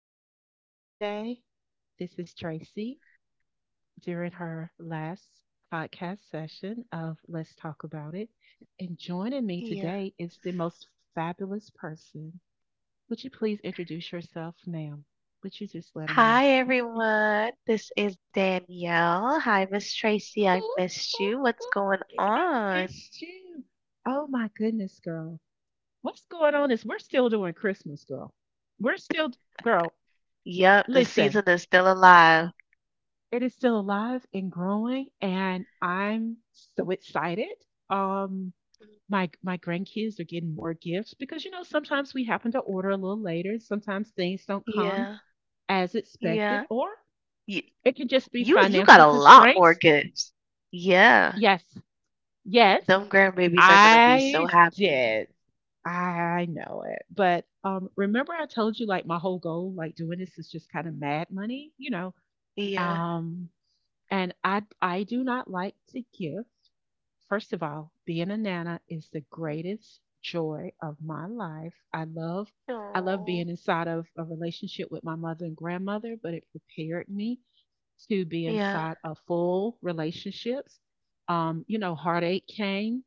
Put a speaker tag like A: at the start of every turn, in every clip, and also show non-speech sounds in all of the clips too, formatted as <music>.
A: that is joining us today. This is Tracy during her last podcast session of Let's Talk About It. And joining me
B: Yeah.
A: today is the most fabulous person. Would you please introduce yourself, ma'am? Would you just let them know?
B: Hi, everyone. This is Danielle. Hi, Miss
A: <laughs>
B: Tracy. I
A: Ooh,
B: missed
A: ooh,
B: you.
A: ooh,
B: What's going
A: I
B: on?
A: missed you. Oh my goodness, girl. What's going on is we're still doing Christmas, girl. We're still, girl,
B: Yep, the
A: listen,
B: season is still alive.
A: It is still alive and growing, and I'm so excited. Um, my grandkids are getting more gifts because you know sometimes we happen to order a little later. Sometimes things don't come
B: Yeah,
A: as expected,
B: yeah.
A: or
B: You,
A: it can just be
B: you got
A: financial
B: a lot more
A: constraints.
B: gifts. Yeah,
A: Yes, yes,
B: them grandbabies are gonna be so
A: I
B: happy.
A: did. I know it. But remember, I told you like my whole goal, like doing this, is just kind of mad money.
B: Yeah.
A: Um, and I do not like to give. First of all, being a nana is the greatest joy of my life. I love being
B: Oh.
A: inside of a relationship with my mother and grandmother, but it prepared me to be
B: Yeah.
A: inside of full relationships. You know, heartache came.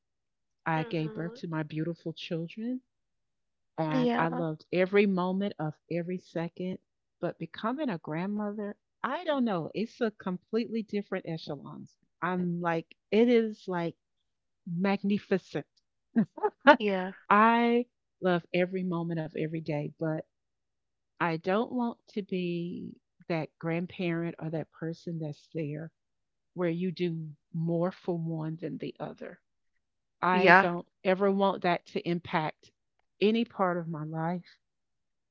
A: I gave birth
B: Hmm.
A: to my beautiful children, and I
B: Yeah.
A: loved every moment of every second. But becoming a grandmother, I don't know, it's a completely different echelons. I'm like, it is like magnificent.
B: Yeah.
A: I love every moment of every day, but I don't want to be that grandparent or that person that's there where you do more for one than the other. I
B: Yeah.
A: don't ever want that to impact any part of my life.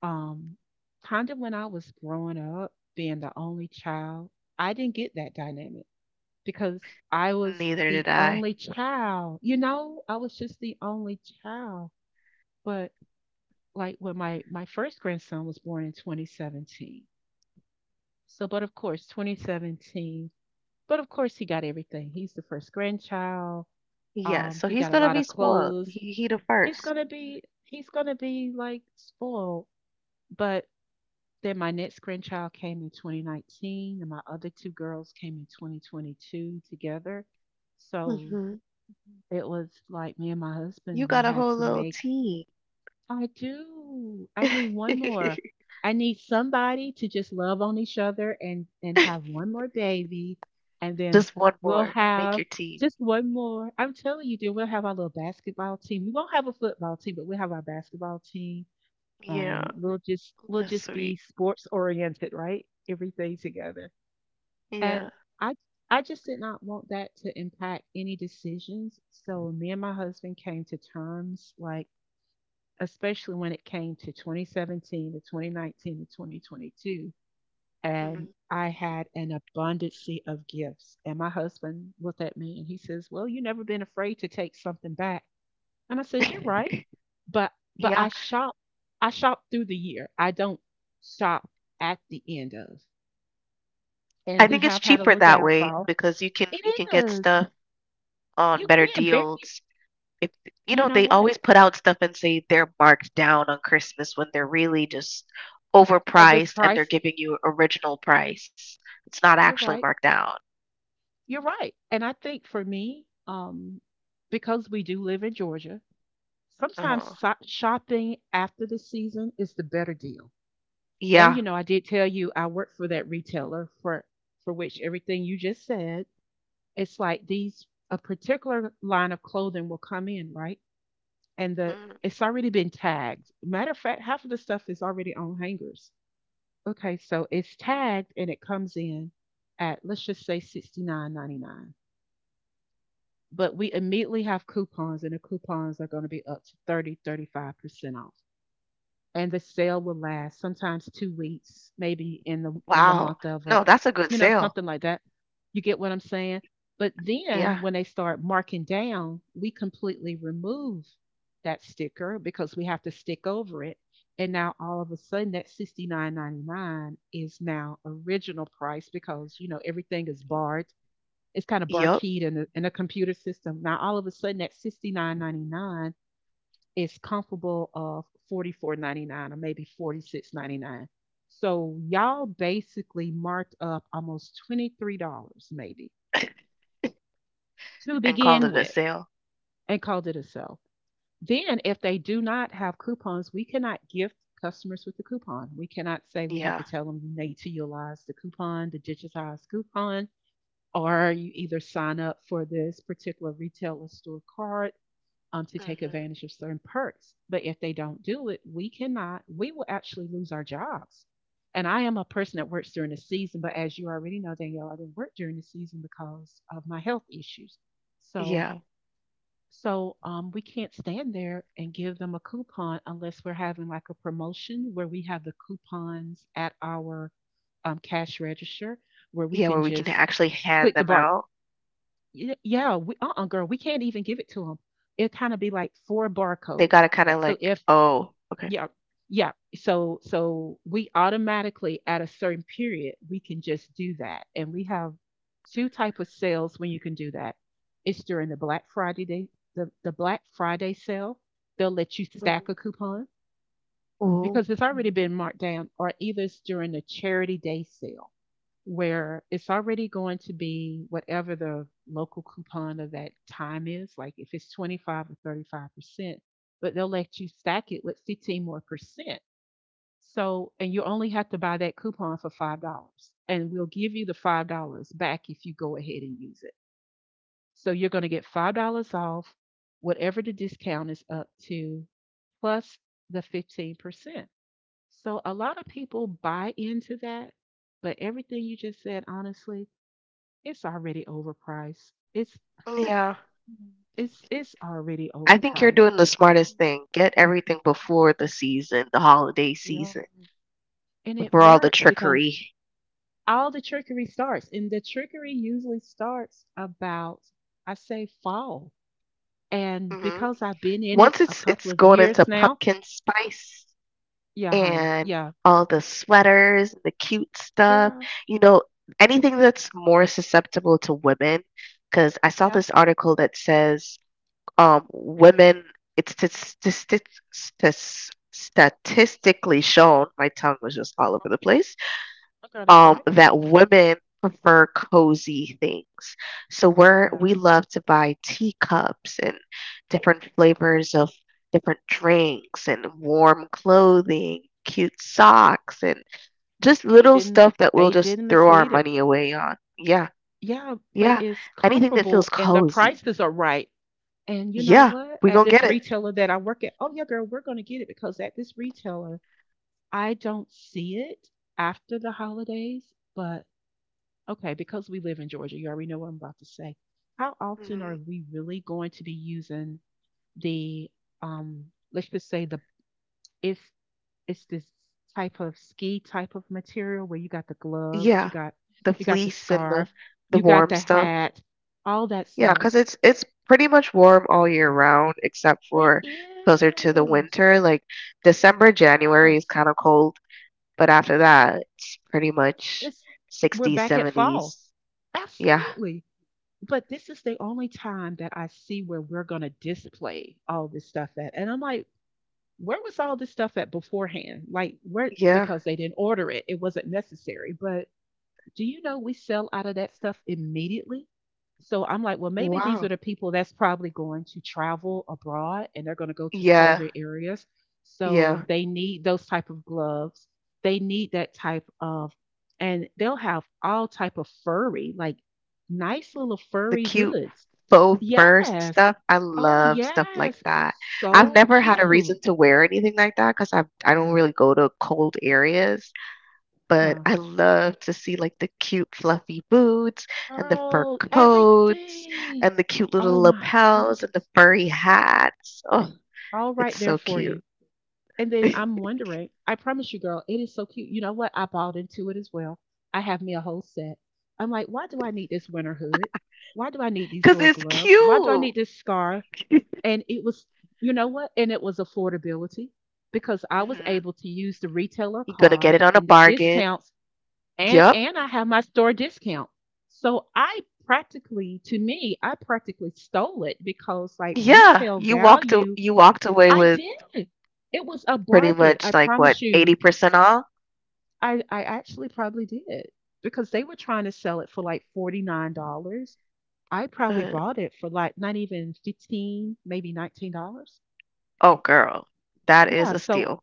A: Um, kind of when I was growing up, being the only child, I didn't get that dynamic because I was
B: Neither
A: the
B: did I.
A: only child. You know, I was just the only child. But like when my first grandson was born in 2017. So, but of course, 2017. But of course, he got everything. He's the first grandchild.
B: Yeah. So
A: He
B: he's
A: got a
B: gonna
A: lot
B: be
A: of
B: spoiled.
A: clothes.
B: He the
A: He's
B: 1st.
A: gonna be he's gonna be like spoiled. But then my next grandchild came in 2019, and my other two girls came in 2022 together. So it was like me and my
B: You
A: husband, we
B: got a
A: had
B: whole
A: to
B: little
A: make.
B: team.
A: I do. I need one more. I need somebody to just love on each other and have one
B: <laughs>
A: more baby, and then
B: Just one
A: we'll
B: more. Make
A: have
B: your team.
A: just one more. I'm telling you, dude, we'll have our little basketball team. We won't have a football team, but we'll have our basketball team,
B: Yeah,
A: and we'll just we'll
B: that's
A: just
B: sweet.
A: be sports oriented, right? Everything together.
B: Yeah.
A: And I I just did not want that to impact any decisions. So me and my husband came to terms like especially when it came to 2017 to 2019 to 2022. And
B: Mhm.
A: I had an abundance of gifts. And my husband looked at me and he says, "Well, you never been afraid to take something back." And I says, "You're right."
B: <laughs>
A: But but I
B: Yeah.
A: shop I shop through the year. I don't shop at the end of.
B: I
A: And we
B: think it's
A: have had a
B: cheaper
A: little
B: that way
A: downfall.
B: because you can
A: It
B: you can get
A: is.
B: stuff on
A: You
B: better
A: can very,
B: deals. If you
A: you
B: know,
A: know
B: they
A: what?
B: always put out stuff and say they're marked down on Christmas when they're really just
A: Of this
B: overpriced and they're
A: price.
B: giving you original price. It's not
A: You're
B: actually
A: right.
B: marked down.
A: You're right. And I think for me, because we do live in Georgia, sometimes
B: Uh-huh.
A: shopping after the season is the better deal. And you
B: Yeah.
A: know, I did tell you I work for that retailer for which everything you just said, it's like these a particular line of clothing will come in, right? And the
B: Mm.
A: It's already been tagged. Matter of fact, half of the stuff is already on hangers. Okay, so it's tagged and it comes in at let's just say 69.99. But we immediately have coupons and the coupons are going to be up to 35% off, and the sale will last sometimes 2 weeks maybe in the
B: Wow.
A: month of a,
B: No, that's a good
A: you know,
B: sale.
A: something like that, you get what I'm saying. But then
B: Yeah.
A: when they start marking down, we completely remove that sticker because we have to stick over it, and now all of a sudden that 69.99 is now original price because you know everything is barred, it's kind of
B: Yep.
A: barkeyed in a computer system. Now all of a sudden that 69.99 is comparable of 44.99 or maybe 46.99. So y'all basically marked up almost $23 maybe
B: <laughs>
A: to
B: And call
A: begin
B: it a
A: with
B: sale.
A: and called it a sale. Then if they do not have coupons, we cannot gift customers with the coupon. We cannot say, we have
B: Yeah.
A: to tell them you need to utilize the coupon, the digitized coupon, or you either sign up for this particular retailer store card, to take
B: Mhm.
A: advantage of certain perks. But if they don't do it, we cannot, we will actually lose our jobs. And I am a person that works during the season, but as you already know, Danielle, I didn't work during the season because of my health issues. So,
B: Yeah.
A: so we can't stand there and give them a coupon unless we're having like a promotion where we have the coupons at our cash register where we
B: Yeah,
A: can
B: where we can
A: just
B: actually hand
A: click the
B: them
A: bar.
B: out.
A: We, girl, we can't even give it to them. It It'll kinda be like 4
B: They
A: barcodes.
B: gotta kinda
A: So
B: like,
A: if
B: "Oh, okay."
A: yeah, yeah. So so we automatically at a certain period, we can just do that. And we have 2 type of sales when you can do that. It's during the Black Friday day, the Black Friday sale. They'll let you stack a
B: Mhm.
A: coupon
B: Ooh.
A: because it's already been marked down, or either it's during the Charity Day sale where it's already going to be whatever the local coupon of that time is, like if it's 25 or 35%, but they'll let you stack it with 15 more percent. So, and you only have to buy that coupon for $5, and we'll give you the $5 back if you go ahead and use it. So you're going to get $5 off whatever the discount is up to, plus the 15%. So a lot of people buy into that, but everything you just said, honestly, it's already overpriced. It's
B: Yeah.
A: Mhm, it's already
B: I think you're
A: overpriced.
B: doing the smartest thing. Get everything before the season, the holiday
A: Yeah.
B: season,
A: And it
B: before all the
A: works because
B: trickery.
A: all the trickery starts, and the trickery usually starts about, I say, fall. And
B: Mhm.
A: because I've been in it
B: Once
A: a
B: it's
A: couple
B: it's
A: of
B: going
A: years
B: into
A: now,
B: pumpkin spice
A: yeah, honey,
B: and all the sweaters and the cute stuff,
A: girl,
B: you know, anything that's more susceptible to women. Because I saw
A: yeah,
B: this article that says, women, it's statistic, statistically shown, my tongue was just all over the place,
A: girl, that's right.
B: that women prefer cozy things. So we
A: Yeah,
B: love to buy teacups and different
A: uh,
B: flavors of different drinks and warm clothing, cute socks, and just
A: they
B: little
A: didn't,
B: stuff that we'll
A: they
B: just
A: didn't
B: throw our
A: mislead it.
B: money away on. Yeah,
A: Yeah, but
B: yeah,
A: it's
B: anything that feels
A: comparable, and the
B: cozy.
A: prices are right. And you know
B: Yeah,
A: what?
B: we
A: At
B: gonna
A: this
B: get it.
A: retailer that I work at, oh yeah, girl, we're gonna get it because at this retailer, I don't see it after the holidays, but okay, because we live in Georgia, you already know what I'm about to say. How often are
B: Mhm.
A: we really going to be using the um let's just say the it's it's this type of ski type of material where you got the gloves, you
B: Yeah,
A: got
B: the
A: you got the
B: fleece and the
A: scarf,
B: the
A: you got
B: warm
A: the
B: stuff.
A: hat, all that
B: Yeah,
A: stuff.
B: cause it's pretty much warm all year round except
A: It
B: for closer to the
A: is.
B: winter. Like December, January is
A: Yes.
B: kind of cold, but after that, it's pretty much
A: It's we're
B: 60s,
A: back at fall.
B: 70s. Yeah.
A: Absolutely. But this is the only time that I see where we're going to display all this stuff at. And I'm like, where was all this stuff at beforehand? Like, where,
B: Yeah.
A: because they didn't order it, it wasn't necessary. But do you know we sell out of that stuff immediately? So I'm like, well, maybe these are
B: Wow.
A: the people that's probably going to travel abroad and they're going to go to
B: Yeah.
A: colder areas. So
B: Yeah.
A: they need those type of gloves. They need that type of, and they'll have all type of furry, like nice little
B: The
A: furry
B: cute
A: hoods.
B: faux fur
A: Yes.
B: stuff. I
A: Oh,
B: love stuff like
A: yes.
B: that. I've
A: So
B: never had a reason
A: cute.
B: to wear anything like that because I don't really go to cold areas. But
A: Huh.
B: I love to see like the cute fluffy boots and the fur
A: Girl,
B: coats
A: everything.
B: and the cute little
A: Oh my
B: lapels and the
A: goodness.
B: furry hats. Oh,
A: All right
B: it's
A: there
B: so
A: for you.
B: cute.
A: And then I'm
B: <laughs>
A: wondering, I promise you, girl, it is so cute. You know what? I bought into it as well. I have me a whole set. I'm like, why do I need this winter hood? Why do I need these
B: Because
A: little
B: it's
A: gloves? Why do I
B: cute.
A: need this scarf? And it was, you know what? And it was affordability because I was
B: Hmm.
A: able to use the retailer
B: You're gonna get
A: card
B: it on a
A: and the
B: bargain.
A: discounts, and
B: Yep.
A: and I have my store discount. So I practically, to me, I practically stole it because like
B: Yeah.
A: retail
B: You walked a-
A: value
B: you walked away
A: I
B: with
A: did. It was a
B: pretty
A: bargain. I
B: much like what,
A: promise you.
B: 80% off?
A: I actually probably did because they were trying to sell it for like $49. I probably
B: Uh,
A: bought it for like not even 15, maybe $19.
B: oh girl, that is
A: Yeah,
B: a
A: so.
B: steal.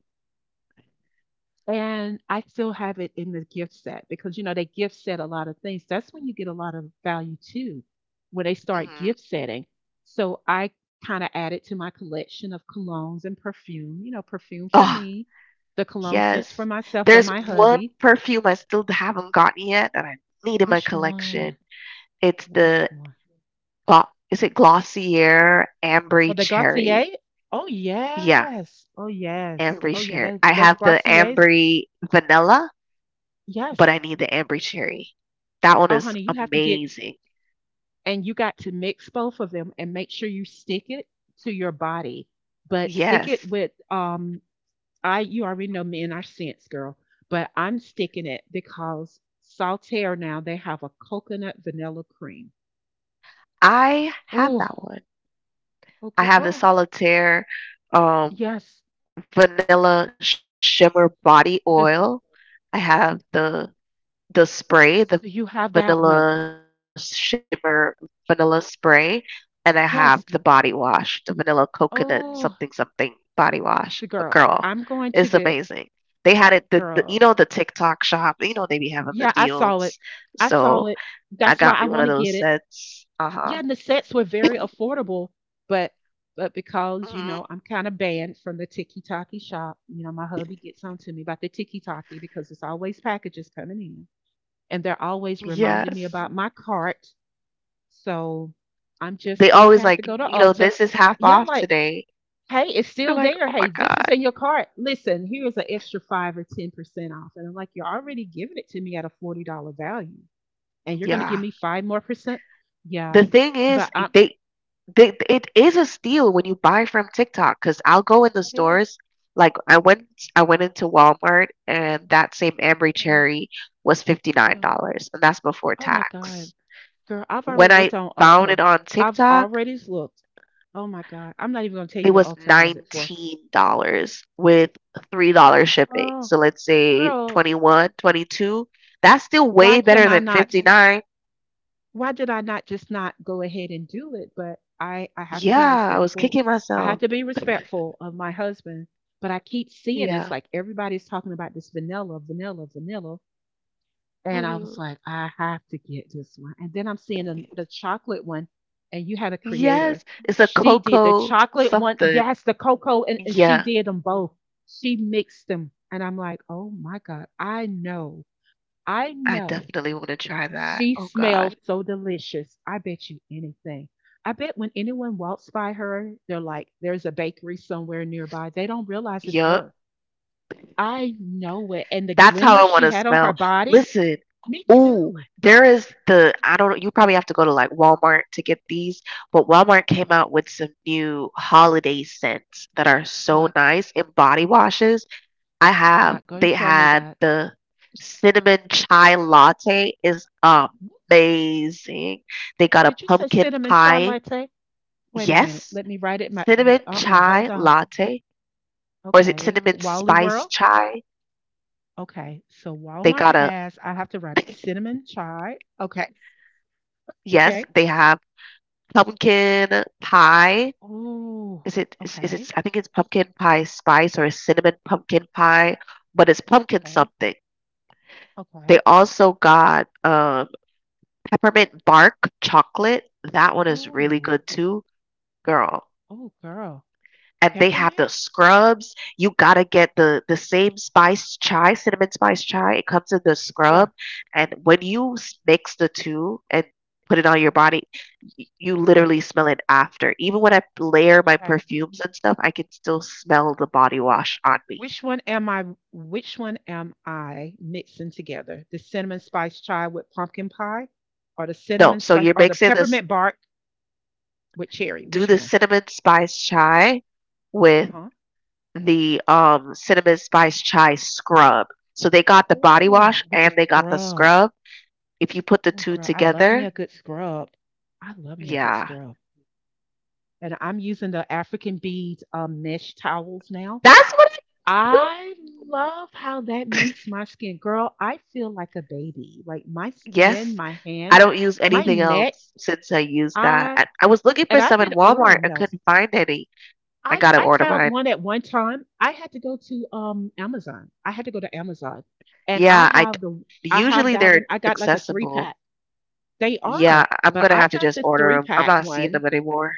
A: And I still have it in the gift set because you know they gift set a lot of things. That's when you get a lot of value too, when they start
B: Hmm.
A: gift setting. So I kind of added to my collection of colognes and perfume. You know, perfume for me, the cologne scents for
B: Yes.
A: myself and
B: There's
A: my
B: one
A: hubby.
B: perfume I still haven't gotten yet that I need in my
A: Which
B: collection.
A: one?
B: It's the
A: Which one?
B: is it Glossier Ambry
A: Oh, the Gautier.
B: Cherry?
A: Oh
B: Yeah,
A: yes. Oh yes.
B: Ambry
A: Oh yeah.
B: Cherry.
A: Those
B: I
A: those
B: have the
A: Gautiers.
B: Ambry Vanilla, but I
A: Yes.
B: need the Ambry Cherry. That one
A: Oh
B: is
A: honey, you have to get
B: amazing.
A: and you got to mix both of them and make sure you stick it to your body but stick it
B: Yes.
A: with I you already know men are our scents, girl. But I'm sticking it because Saltaire now they have a coconut vanilla cream.
B: I have
A: Oh.
B: that one.
A: Oh
B: I
A: girl.
B: have the
A: Oh
B: Solitaire um
A: yes.
B: vanilla shimmer body oil.
A: This.
B: I have the spray, the vanilla
A: So you have that
B: shimmer
A: one.
B: vanilla spray, and I have the body wash, the vanilla
A: Yes.
B: coconut something something body wash.
A: Oh.
B: Girl, it's
A: So girl,
B: amazing.
A: I'm
B: They had
A: going
B: it
A: to
B: the,
A: get.
B: the you know the TikTok shop,
A: Girl,
B: you know they be having the deals.
A: yeah, I
B: So
A: saw it.
B: I
A: I
B: got me
A: saw
B: one of
A: it.
B: those
A: That's why I
B: sets.
A: want to get it.
B: Uh-huh. <laughs>
A: Yeah, and the sets were very affordable, but but
B: Mhm.
A: because you know I'm kind of banned from the Tiki Taki shop. You know my hubby gets on to me about the Tiki Taki because it's always packages coming in, and they're always reminding
B: Yes.
A: me about my cart. So I'm just
B: They
A: going to
B: always
A: have to
B: like,
A: go to Ulta.
B: this is half
A: Yeah, I'm
B: off
A: like
B: today.
A: hey, it's
B: You're
A: still
B: like,
A: there.
B: oh my
A: Hey, this
B: God.
A: is in your cart. Listen, here's an extra 5 or 10% off, and I'm like you're already giving it to me at a $40 value, and you're going to give
B: Yeah.
A: me five more percent. Yeah,
B: The thing is,
A: but I'm.
B: they it is a steal when you buy from TikTok because I'll go in the
A: It is.
B: stores. Like I went into Walmart and that same Ambry
A: Yeah,
B: Cherry was
A: yeah.
B: $59, and that's before
A: Oh my God.
B: tax.
A: Girl, I've already
B: When I
A: looked on
B: found
A: Ulta.
B: it on
A: I've
B: TikTok,
A: already looked. Oh my God. I'm not even gonna tell
B: it
A: you what
B: was
A: Ulta has it for.
B: $19 with $3 shipping.
A: Oh,
B: So let's say
A: girl,
B: 21, 22. That's still
A: why
B: way
A: can
B: better
A: I
B: than
A: not?
B: 59.
A: Why did I not just not go ahead and do it? But I have to be
B: Yeah, I was
A: respectful.
B: kicking
A: I have
B: myself.
A: to be respectful of my husband. But I keep seeing it's
B: Yeah.
A: like everybody's talking about this vanilla, vanilla, vanilla. And I
B: Hmm.
A: was like, I have to get this one. And then I'm seeing the chocolate one, and you had a creator.
B: Yes, it's a
A: She did the
B: cocoa
A: chocolate one,
B: something.
A: yes, the cocoa, and she
B: Yeah,
A: did them both. She mixed them. And I'm like, oh my God, I know, I
B: I
A: know.
B: definitely wanna try that.
A: She
B: Oh god.
A: smells so delicious. I bet you anything. I bet when anyone walks by her, they're like, there's a bakery somewhere nearby. They don't realize it's her.
B: Yup.
A: I know it. And the
B: That's how
A: glimmer
B: I
A: she
B: wanna
A: had on her
B: smell.
A: body,
B: Listen,
A: me
B: ooh,
A: too.
B: there is the I don't know, you probably have to go to, like, Walmart to get these, but Walmart came
A: Uh,
B: out with some new holiday scents that are so
A: What?
B: nice in body washes. I
A: You're
B: have
A: not going to
B: they
A: tell me
B: had
A: that.
B: the cinnamon chai latte is amazing. They got a
A: Did you say
B: pumpkin
A: cinnamon chai
B: pie.
A: latte? Wait a minute.
B: Yes.
A: Let me write it. My
B: Cinnamon
A: hold
B: chai
A: on.
B: latte, or is it
A: Okay.
B: cinnamon
A: Wally
B: spice
A: World.
B: chai?
A: Okay. So
B: They
A: Walmart
B: got a
A: has. I have to write it, cinnamon chai. Okay.
B: yes.
A: Okay.
B: They have pumpkin pie.
A: Oh.
B: Is
A: Okay.
B: it? I think it's pumpkin pie spice or a cinnamon pumpkin pie, but it's pumpkin
A: Okay.
B: something. They
A: Okay.
B: also got peppermint bark chocolate. That one is really
A: Oh.
B: good too, girl.
A: Oh, girl.
B: And they have the
A: Peppermint.
B: scrubs. You gotta get the same spice chai, cinnamon spice chai. It comes in the
A: Yeah.
B: scrub, and when you mix the two and put it on your body, you literally smell it after. Even when I layer my
A: Okay.
B: perfumes and stuff, I can still smell the body wash on me.
A: Which one am I? Which one am I mixing together? The cinnamon spice chai with pumpkin pie, or the
B: No,
A: cinnamon
B: so
A: spice,
B: you're
A: or the
B: mixing this.
A: peppermint bark with cherry?
B: Do
A: Which
B: the
A: one?
B: cinnamon spice chai
A: Uh
B: with
A: huh.
B: the cinnamon spice chai scrub. So they got the body
A: Oh,
B: wash
A: with the
B: and they got the
A: scrub.
B: scrub. If you put the
A: Oh,
B: two
A: girl, I love me a
B: together,
A: good scrub. I love me a good
B: yeah.
A: scrub. And I'm using the African beads mesh towels now.
B: That's what I use too.
A: I love how that makes my skin. Girl, I feel like a baby. Like my skin,
B: Yes.
A: my
B: I
A: hands,
B: don't use
A: my
B: anything
A: neck.
B: else since I used that.
A: I
B: I was looking for
A: And I've
B: some in
A: been
B: Walmart
A: ordering
B: and
A: those.
B: couldn't find any. I
A: I
B: gotta
A: I
B: order
A: found
B: mine.
A: one at one time. I had to go to Amazon. I had to go to Amazon, and I
B: Yeah,
A: have the. I have
B: usually
A: that one.
B: they're
A: I got like a three
B: accessible.
A: pack. They
B: Yeah,
A: are,
B: I'm
A: but
B: gonna
A: I
B: have to
A: got
B: just
A: the three
B: order them. I'm
A: pack
B: not seeing
A: one.
B: them anymore.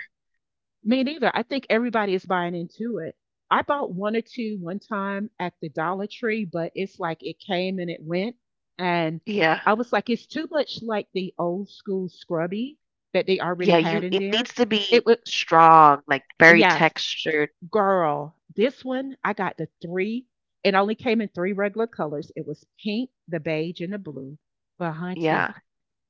A: Me neither. I think everybody is buying into it. I bought one or two one time at the Dollar Tree, but it's like it came and it went, and
B: Yeah.
A: I was like, it's too much like the old school scrubby that they already
B: Yeah,
A: had
B: you
A: in
B: it
A: there.
B: needs to
A: It
B: be
A: was.
B: strong, like very
A: Yes.
B: textured.
A: Girl, this one I got the three. It only came in three regular colors. It was pink, the beige, and the blue. But hunty,
B: Yeah.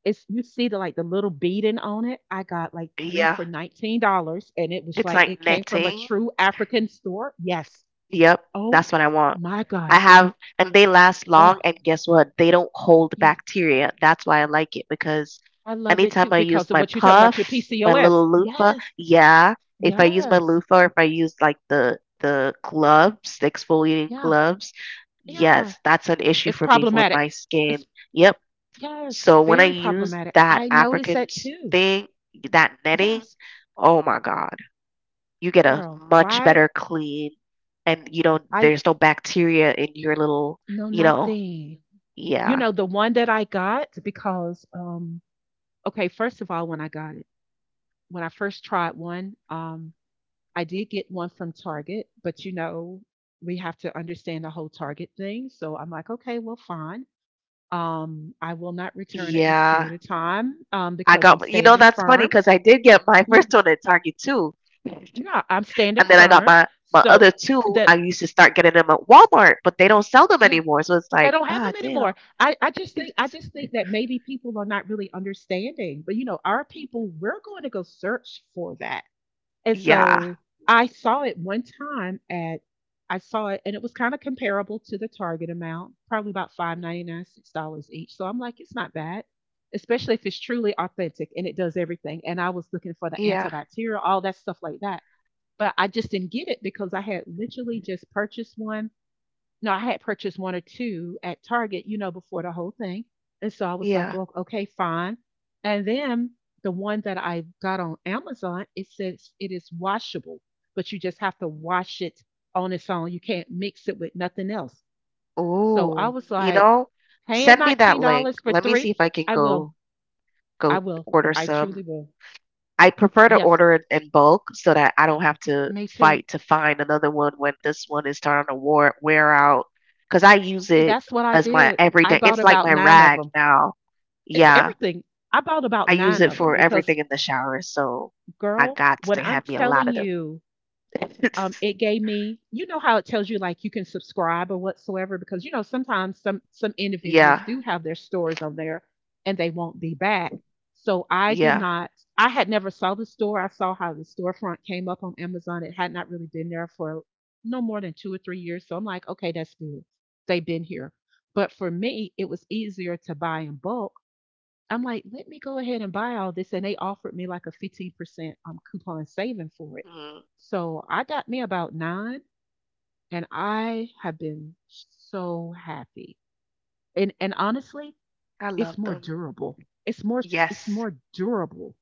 A: it's you see the like the little beading on it. I got like three
B: Yeah.
A: for $19, and it was
B: It's
A: like it
B: like
A: came from a
B: netting.
A: true African store. Yes.
B: Yep, that's
A: Oh
B: what I want.
A: my God.
B: I have, and they last
A: Oh
B: long, and guess what? They don't hold
A: yes,
B: bacteria. That's why I like it because
A: I love it
B: anytime
A: too
B: I use
A: because of
B: my
A: what you're talking about your
B: puff, my
A: PCOS.
B: little loofah,
A: Yes.
B: yeah, if I use my
A: Yes.
B: loofah or if I use like the gloves, the exfoliating
A: Yeah.
B: gloves,
A: Yeah.
B: yes, that's an issue
A: It's
B: for me for with
A: problematic.
B: my skin.
A: It's
B: Yep.
A: yes,
B: So when I
A: very
B: use
A: problematic.
B: that
A: I noticed
B: African
A: that too.
B: thing, that netting,
A: Yes,
B: oh my God, you get a
A: girl.
B: much
A: Why?
B: better clean and you don't
A: I
B: there's no bacteria in your little
A: know
B: you know
A: nothing. You
B: yeah,
A: know, the one that I got because okay, first of all, when I got it, when I first tried one, I did get one from Target, but you know, we have to understand the whole Target thing. So I'm like, okay, well fine. I will not return at this
B: yeah.
A: period of time
B: i
A: because I'm
B: got you know
A: standing
B: that's funny
A: firm.
B: because I did get my <laughs>
A: Yeah.
B: first one at Target too. And
A: Yeah, I'm standing
B: then I got
A: firm.
B: my
A: So
B: other two.
A: that.
B: I used to start getting them at Walmart, but they don't sell them
A: Yeah.
B: anymore, so it's
A: They
B: like
A: don't have
B: ah
A: them
B: damn.
A: anymore. I just think I just think that maybe people are not really understanding. But you know, our people, we're going to go search for that. And
B: Yeah,
A: so I saw it one time at. I saw it and it was kind of comparable to the target amount, probably about 5.99, $6 each. So I'm like, it's not bad. Especially if it's truly authentic and it does everything. And I was looking for the
B: yeah,
A: antibacterial, all that stuff like that. But I just didn't get it because I had literally just purchased one no, I had purchased 1 or 2 at Target, you know, before the whole thing, and so I was like,
B: yeah.
A: "Oh, okay, fine." And then the one that I got on Amazon, it says it is washable, but you just have to wash it on its own. You can't mix it with nothing else. So I
B: oh
A: was
B: you
A: like,
B: know
A: "Paying
B: send me that link,
A: $19 for
B: let me
A: 3?
B: see if I can
A: I will. I
B: go
A: will.
B: order
A: I
B: some.
A: truly will."
B: I prefer to
A: Yes,
B: order it in bulk so that I don't have to
A: me too.
B: fight to find another one when this one is starting to wear out. Cause I use
A: See,
B: it
A: that's what I
B: as my
A: did. I
B: everyday,
A: bought
B: it's like
A: about
B: my
A: 9 of
B: rag
A: them.
B: now.
A: It's
B: Yeah,
A: everything. I bought about
B: I use
A: 9
B: it
A: of them
B: for
A: because
B: everything in the shower, so I
A: girl,
B: got
A: when
B: to
A: I'm
B: have me a
A: telling
B: lot of them.
A: you, it
B: <laughs>
A: gave me, you know how it tells you like you can subscribe or whatsoever, because you know sometimes some individuals
B: Yeah,
A: do have their stores on there and they won't be back. So I did
B: yeah.
A: not, I had never saw the store. I saw how the storefront came up on Amazon. It had not really been there for no more than 2 or 3 years. So I'm like, okay, that's good. They've been here. But for me, it was easier to buy in bulk. I'm like, let me go ahead and buy all this. And they offered me like a 15% coupon saving for it.
B: Mm,
A: So I got me about nine and I have been so happy. And honestly,
B: I
A: it's
B: love
A: more
B: them.
A: durable. It's more. It's
B: Yes,
A: more durable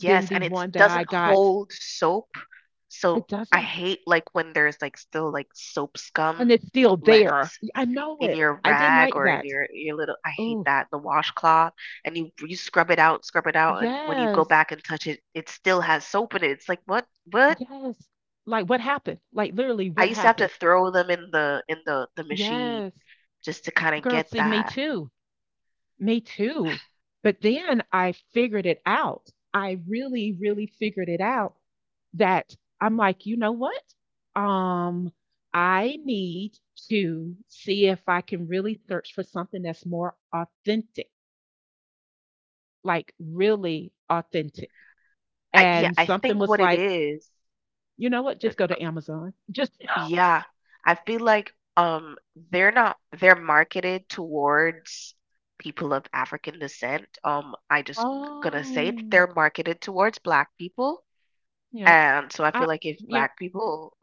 A: than
B: yes,
A: the
B: and it
A: one that I
B: doesn't
A: got.
B: hold soap, so
A: It
B: I
A: doesn't.
B: hate, like, when there's, like, still, like, soap
A: And
B: scum
A: it's still
B: left
A: there. I know
B: in
A: it.
B: your
A: I didn't
B: rag
A: like
B: or in
A: that.
B: your little I hate
A: Oh,
B: that, the washcloth, and you scrub it out, and when you go
A: yes.
B: back and touch it, it still has soap in it. It's like, "What? What?"
A: Yes. Like what happened? Like literally
B: I
A: what
B: used to have to
A: happened?
B: throw them in the machine
A: Yes.
B: just to kinda
A: Girl,
B: get
A: see me
B: that.
A: too. Me too. But then I figured it out. I really, really figured it out that I'm like, you know what? Um, I need to see if I can really search for something that's more authentic, like really authentic.
B: I yeah,
A: And
B: I
A: something
B: think
A: was
B: what it
A: like,
B: is,
A: you know what?
B: th
A: Just go to Amazon. Just,
B: yeah, I feel like, they're not they're marketed towards people of African descent, I just gonna say it,
A: oh,
B: they're marketed towards Black people.
A: yeah.
B: And so I
A: I,
B: feel like if
A: yeah,
B: Black people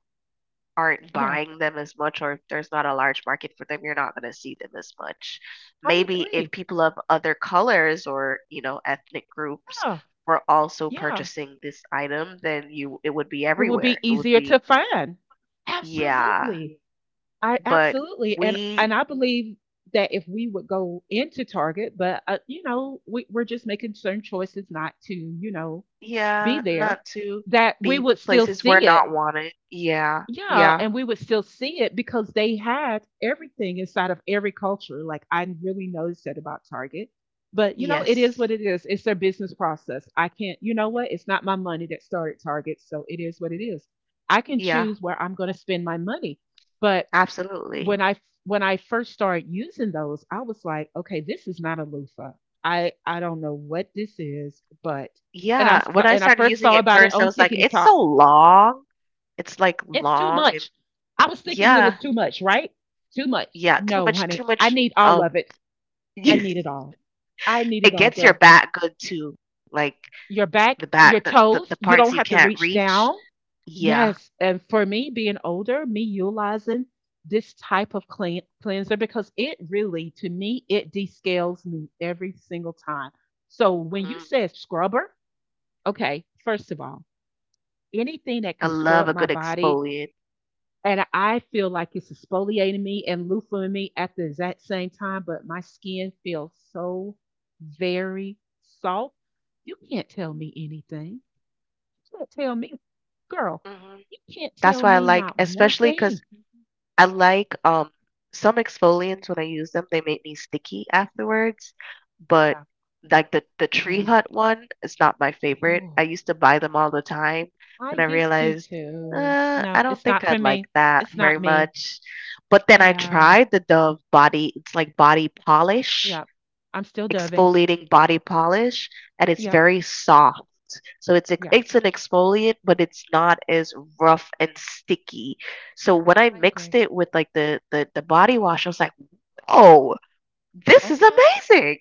B: aren't
A: yeah.
B: buying them as much or if there's not a large market for them, you're not going to see them as much.
A: I
B: Maybe if
A: agree.
B: people of other colors or, ethnic groups
A: Yeah,
B: were also
A: yeah.
B: purchasing this item, then you it would be
A: It would
B: everywhere.
A: be
B: It would
A: easier to
B: be.
A: find.
B: Yeah,
A: Absolutely. I
B: but
A: absolutely
B: we.
A: and I believe that if we would go into Target, but you know, we're just making certain choices not to, you know, be
B: Yeah,
A: there,
B: not to
A: that we
B: be
A: would still
B: places we're
A: see
B: not
A: it.
B: wanted. Yeah.
A: Yeah,
B: Yeah.
A: and we would still see it because they had everything inside of every culture. Like I really noticed that about Target. But you know, it is
B: Yes.
A: what it is. It's their business process. I can't, you know what? It's not my money that started Target, so it is what it is. I can
B: Yeah.
A: choose where I'm going to spend my money. But when
B: Absolutely.
A: I when I first started using those, I was like, okay, this is not a loofah. I don't know what this is, but
B: Yeah, when I
A: and I
B: started
A: first
B: using
A: saw
B: it
A: about it
B: first, I
A: on
B: was like, "It's
A: TikTok.
B: so long." It's, like,
A: It's too
B: long and
A: much. I was thinking it
B: yeah,
A: was too much, right? Too much.
B: yeah,
A: No,
B: too
A: honey. I
B: much,
A: need all of it.
B: <laughs>
A: I need it
B: it
A: all. I need it all,
B: gets your
A: girl.
B: back good too, like,
A: Your back,
B: the
A: your
B: back the
A: toes, you
B: parts
A: don't
B: you
A: have to
B: can't
A: reach
B: reach.
A: down.
B: Yeah,
A: Yes. And for me, being older, me utilizing this type of clean, cleanser because it really, to me, it descales me every single time. So when you
B: mhm,
A: said scrubber, okay, first of all, anything that
B: I
A: can scrub
B: love a
A: my
B: good
A: body
B: exfoliant.
A: and I feel like it's exfoliating me and loofahing me at the exact same time, but my skin feels so very soft. You can't tell me anything. You can't tell me, girl,
B: Mhm,
A: you can't
B: that's
A: tell
B: why I
A: me
B: like
A: not one
B: especially because.
A: thing.
B: I like, some exfoliants when I use them, they make me sticky afterwards, but
A: Yeah,
B: like the Tree
A: yeah.
B: Hut one is not my favorite.
A: Oh,
B: I used to buy them all the time,
A: I
B: and I
A: used to
B: realized,
A: too.
B: I
A: No,
B: don't
A: it's not
B: think
A: for
B: I'd like
A: me.
B: that
A: It's not
B: very
A: me.
B: much. But then I
A: Yeah,
B: tried the Dove body, it's like body polish
A: yeah. I'm still doving.
B: exfoliating body polish, and it's
A: Yep,
B: very soft. So
A: yeah.
B: it's an exfoliant, but it's not as rough and sticky. So when I
A: I
B: mixed
A: agree.
B: it with like the body wash, I was like, "Whoa, this is
A: Okay.
B: amazing!"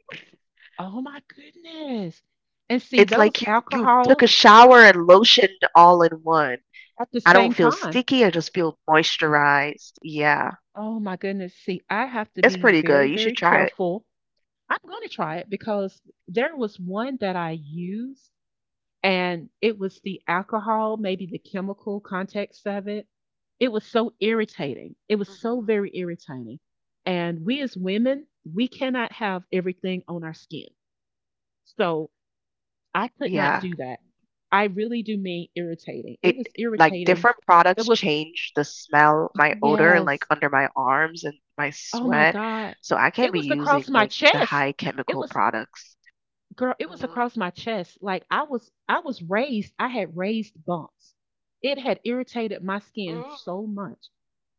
A: Oh my goodness. And see,
B: It's
A: those
B: like you took a
A: alcohols
B: shower and lotioned all in one.
A: at the
B: I don't
A: same
B: feel
A: time.
B: sticky. I just feel moisturized. Yeah,
A: Oh my goodness. See, I have to
B: it's
A: be
B: pretty
A: very,
B: good. You should
A: very
B: try it.
A: careful. I'm going to try it because there was one that I used and it was the alcohol, maybe the chemical context of it. It was so irritating. It was so
B: Hmm.
A: very irritating. And we as women, we cannot have everything on our skin. So I could not
B: Yeah.
A: do that. I really do mean irritating.
B: It
A: It was
B: like
A: irritating.
B: different
A: It
B: products
A: was,
B: change the smell, my odor, like
A: yes.
B: under my arms and my
A: Oh my
B: sweat.
A: God.
B: So I can't
A: It
B: be
A: was
B: using
A: across my
B: like the
A: chest.
B: high
A: It
B: chemical
A: was
B: products.
A: girl, it was
B: Mhm.
A: across my chest. Like I had raised bumps. It had irritated my skin
B: Mm.
A: so much.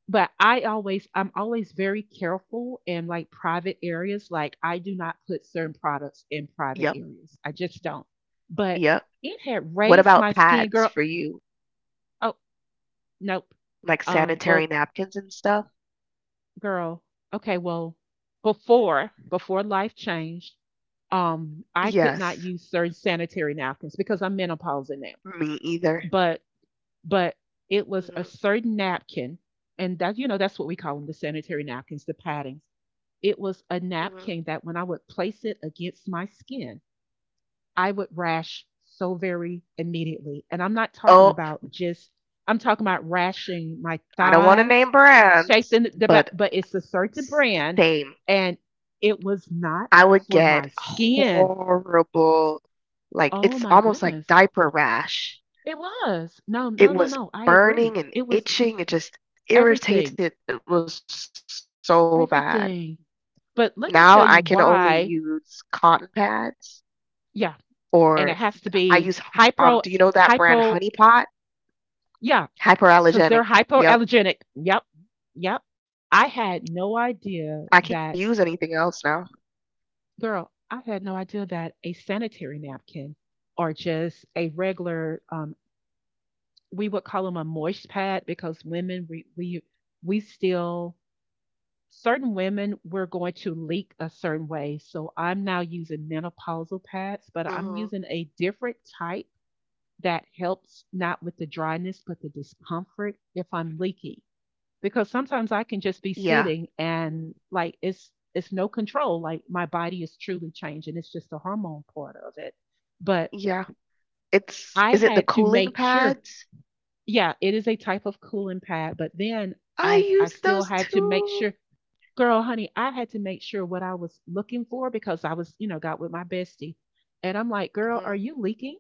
A: But I'm always very careful in like private areas. Like I do not put certain products in private
B: Yep.
A: areas. I just don't. But
B: Yep.
A: it had
B: What
A: raised
B: about
A: my skin,
B: pads
A: girl.
B: for you?
A: Oh, nope.
B: Like
A: Um,
B: sanitary
A: well,
B: napkins and stuff?
A: Girl, okay, well, before life changed, I could not
B: Yes.
A: use certain sanitary napkins because I'm menopausal now.
B: Me either.
A: But but it was a
B: Hmm.
A: certain napkin, and that you know that's what we call them, the sanitary napkins, the paddings. It was a
B: Hmm.
A: napkin that when I would place it against my skin, I would rash so very immediately. And I'm not talking
B: Oh,
A: about just, I'm talking about rashing my
B: I don't want to
A: thighs,
B: name
A: shaped
B: brands,
A: in the back,
B: but
A: but it's a certain
B: s-
A: brand.
B: same.
A: And it was not
B: I would
A: for
B: get
A: my skin.
B: horrible, like
A: Oh
B: it's
A: my
B: almost like
A: goodness.
B: diaper rash.
A: It was. No,
B: It
A: no, no,
B: was
A: no. I
B: burning
A: agree.
B: and
A: It was
B: itching, it just
A: everything,
B: irritated, it was so bad.
A: everything.
B: Now I
A: But
B: can
A: let me
B: only
A: tell you
B: use
A: why.
B: cotton pads,
A: Yeah.
B: or
A: And
B: I
A: it
B: use,
A: has to be
B: do you know that
A: hypo,
B: brand Honey Pot?
A: hypo, yeah,
B: Hyperallergenic.
A: because they're
B: Yep.
A: hypoallergenic. Yep. Yep.
B: I
A: I
B: can't use
A: had
B: anything
A: no
B: else now.
A: idea that, girl, I had no idea that a sanitary napkin or just a regular, we would call them a moist pad because women, we still, certain women, we're going to leak a certain way. So I'm now using menopausal
B: Mhm.
A: pads, but I'm using a different type that helps not with the dryness, but the discomfort if I'm leaking. Because sometimes I can just
B: Yeah.
A: be sitting and like it's no control. Like my body is truly changing. It's just the hormone part of it.
B: Yeah.
A: But
B: It's Is it
A: I
B: the
A: had to
B: cooling
A: make
B: pads?
A: sure. Yeah, it is a type of cooling pad, but then
B: I
A: I
B: use
A: I
B: those
A: still had to make
B: too.
A: sure, girl, honey, I had to make sure what I was looking for because I was, you know, got with my bestie. And I'm like, girl,
B: Mhm.
A: are you leaking?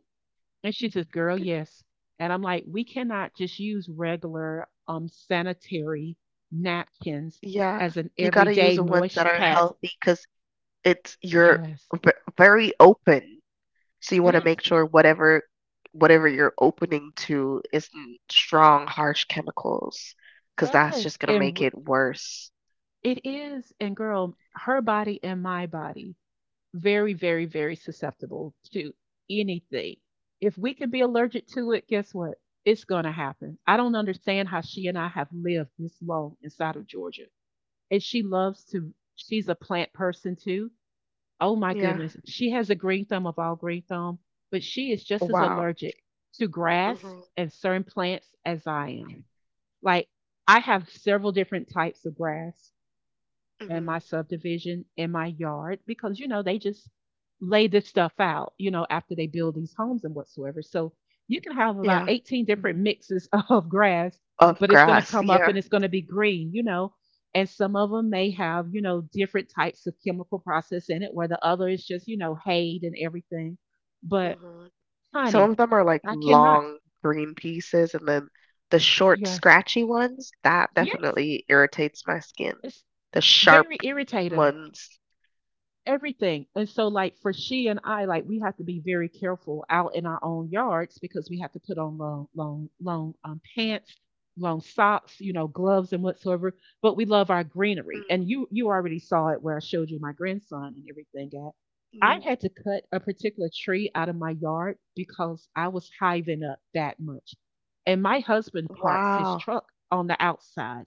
A: And she says, girl, yes. And I'm like, we cannot just use regular sanitary napkins
B: Yeah,
A: as an
B: you gotta use
A: everyday
B: the ones that
A: moist
B: are
A: pads.
B: healthy because it's you're
A: Yes,
B: v very open, so you
A: it
B: wanna make
A: is.
B: sure whatever you're opening to isn't strong, harsh chemicals, because that's just
A: Yes.
B: gonna make it worse.
A: It is. And girl, her body and my body, very, very, very susceptible to anything. If we can be allergic to it, guess what? It's going to happen. I don't understand how she and I have lived this long inside of Georgia. And she's a plant person too. Oh my
B: Yeah.
A: goodness. She has a green thumb of all green thumb, but she is just as
B: Wow.
A: allergic to grass
B: Mhm,
A: and certain plants as I am. Like I have several different types of grass in my
B: mhm.
A: subdivision, in my yard, because, you know, they just lay this stuff out, you know, after they build these homes and whatsoever. So you can have about
B: Yeah.
A: 18 different mixes <laughs> of grass,
B: Of
A: but it's going to
B: grass,
A: come up
B: yeah.
A: and it's going to be green, you know. And some of them may have, you know, different types of chemical process in it, where the other is just, you know, hay and everything. But
B: Mhm. Some
A: honey,
B: of them are like
A: I cannot.
B: long green pieces, and then the short,
A: Yes.
B: scratchy ones, that
A: Yes.
B: definitely irritates my skin.
A: It's
B: The sharp
A: very irritating.
B: ones.
A: Everything. And so, like, for she and I, like, we have to be very careful out in our own yards because we have to put on long, long, long pants, long socks, you know, gloves and whatsoever. But we love our greenery.
B: Mm,
A: And you already saw it where I showed you my grandson and everything at. I
B: yeah.
A: had to cut a particular tree out of my yard because I was hiving up that much. And my husband parks his
B: Wow.
A: truck on the outside.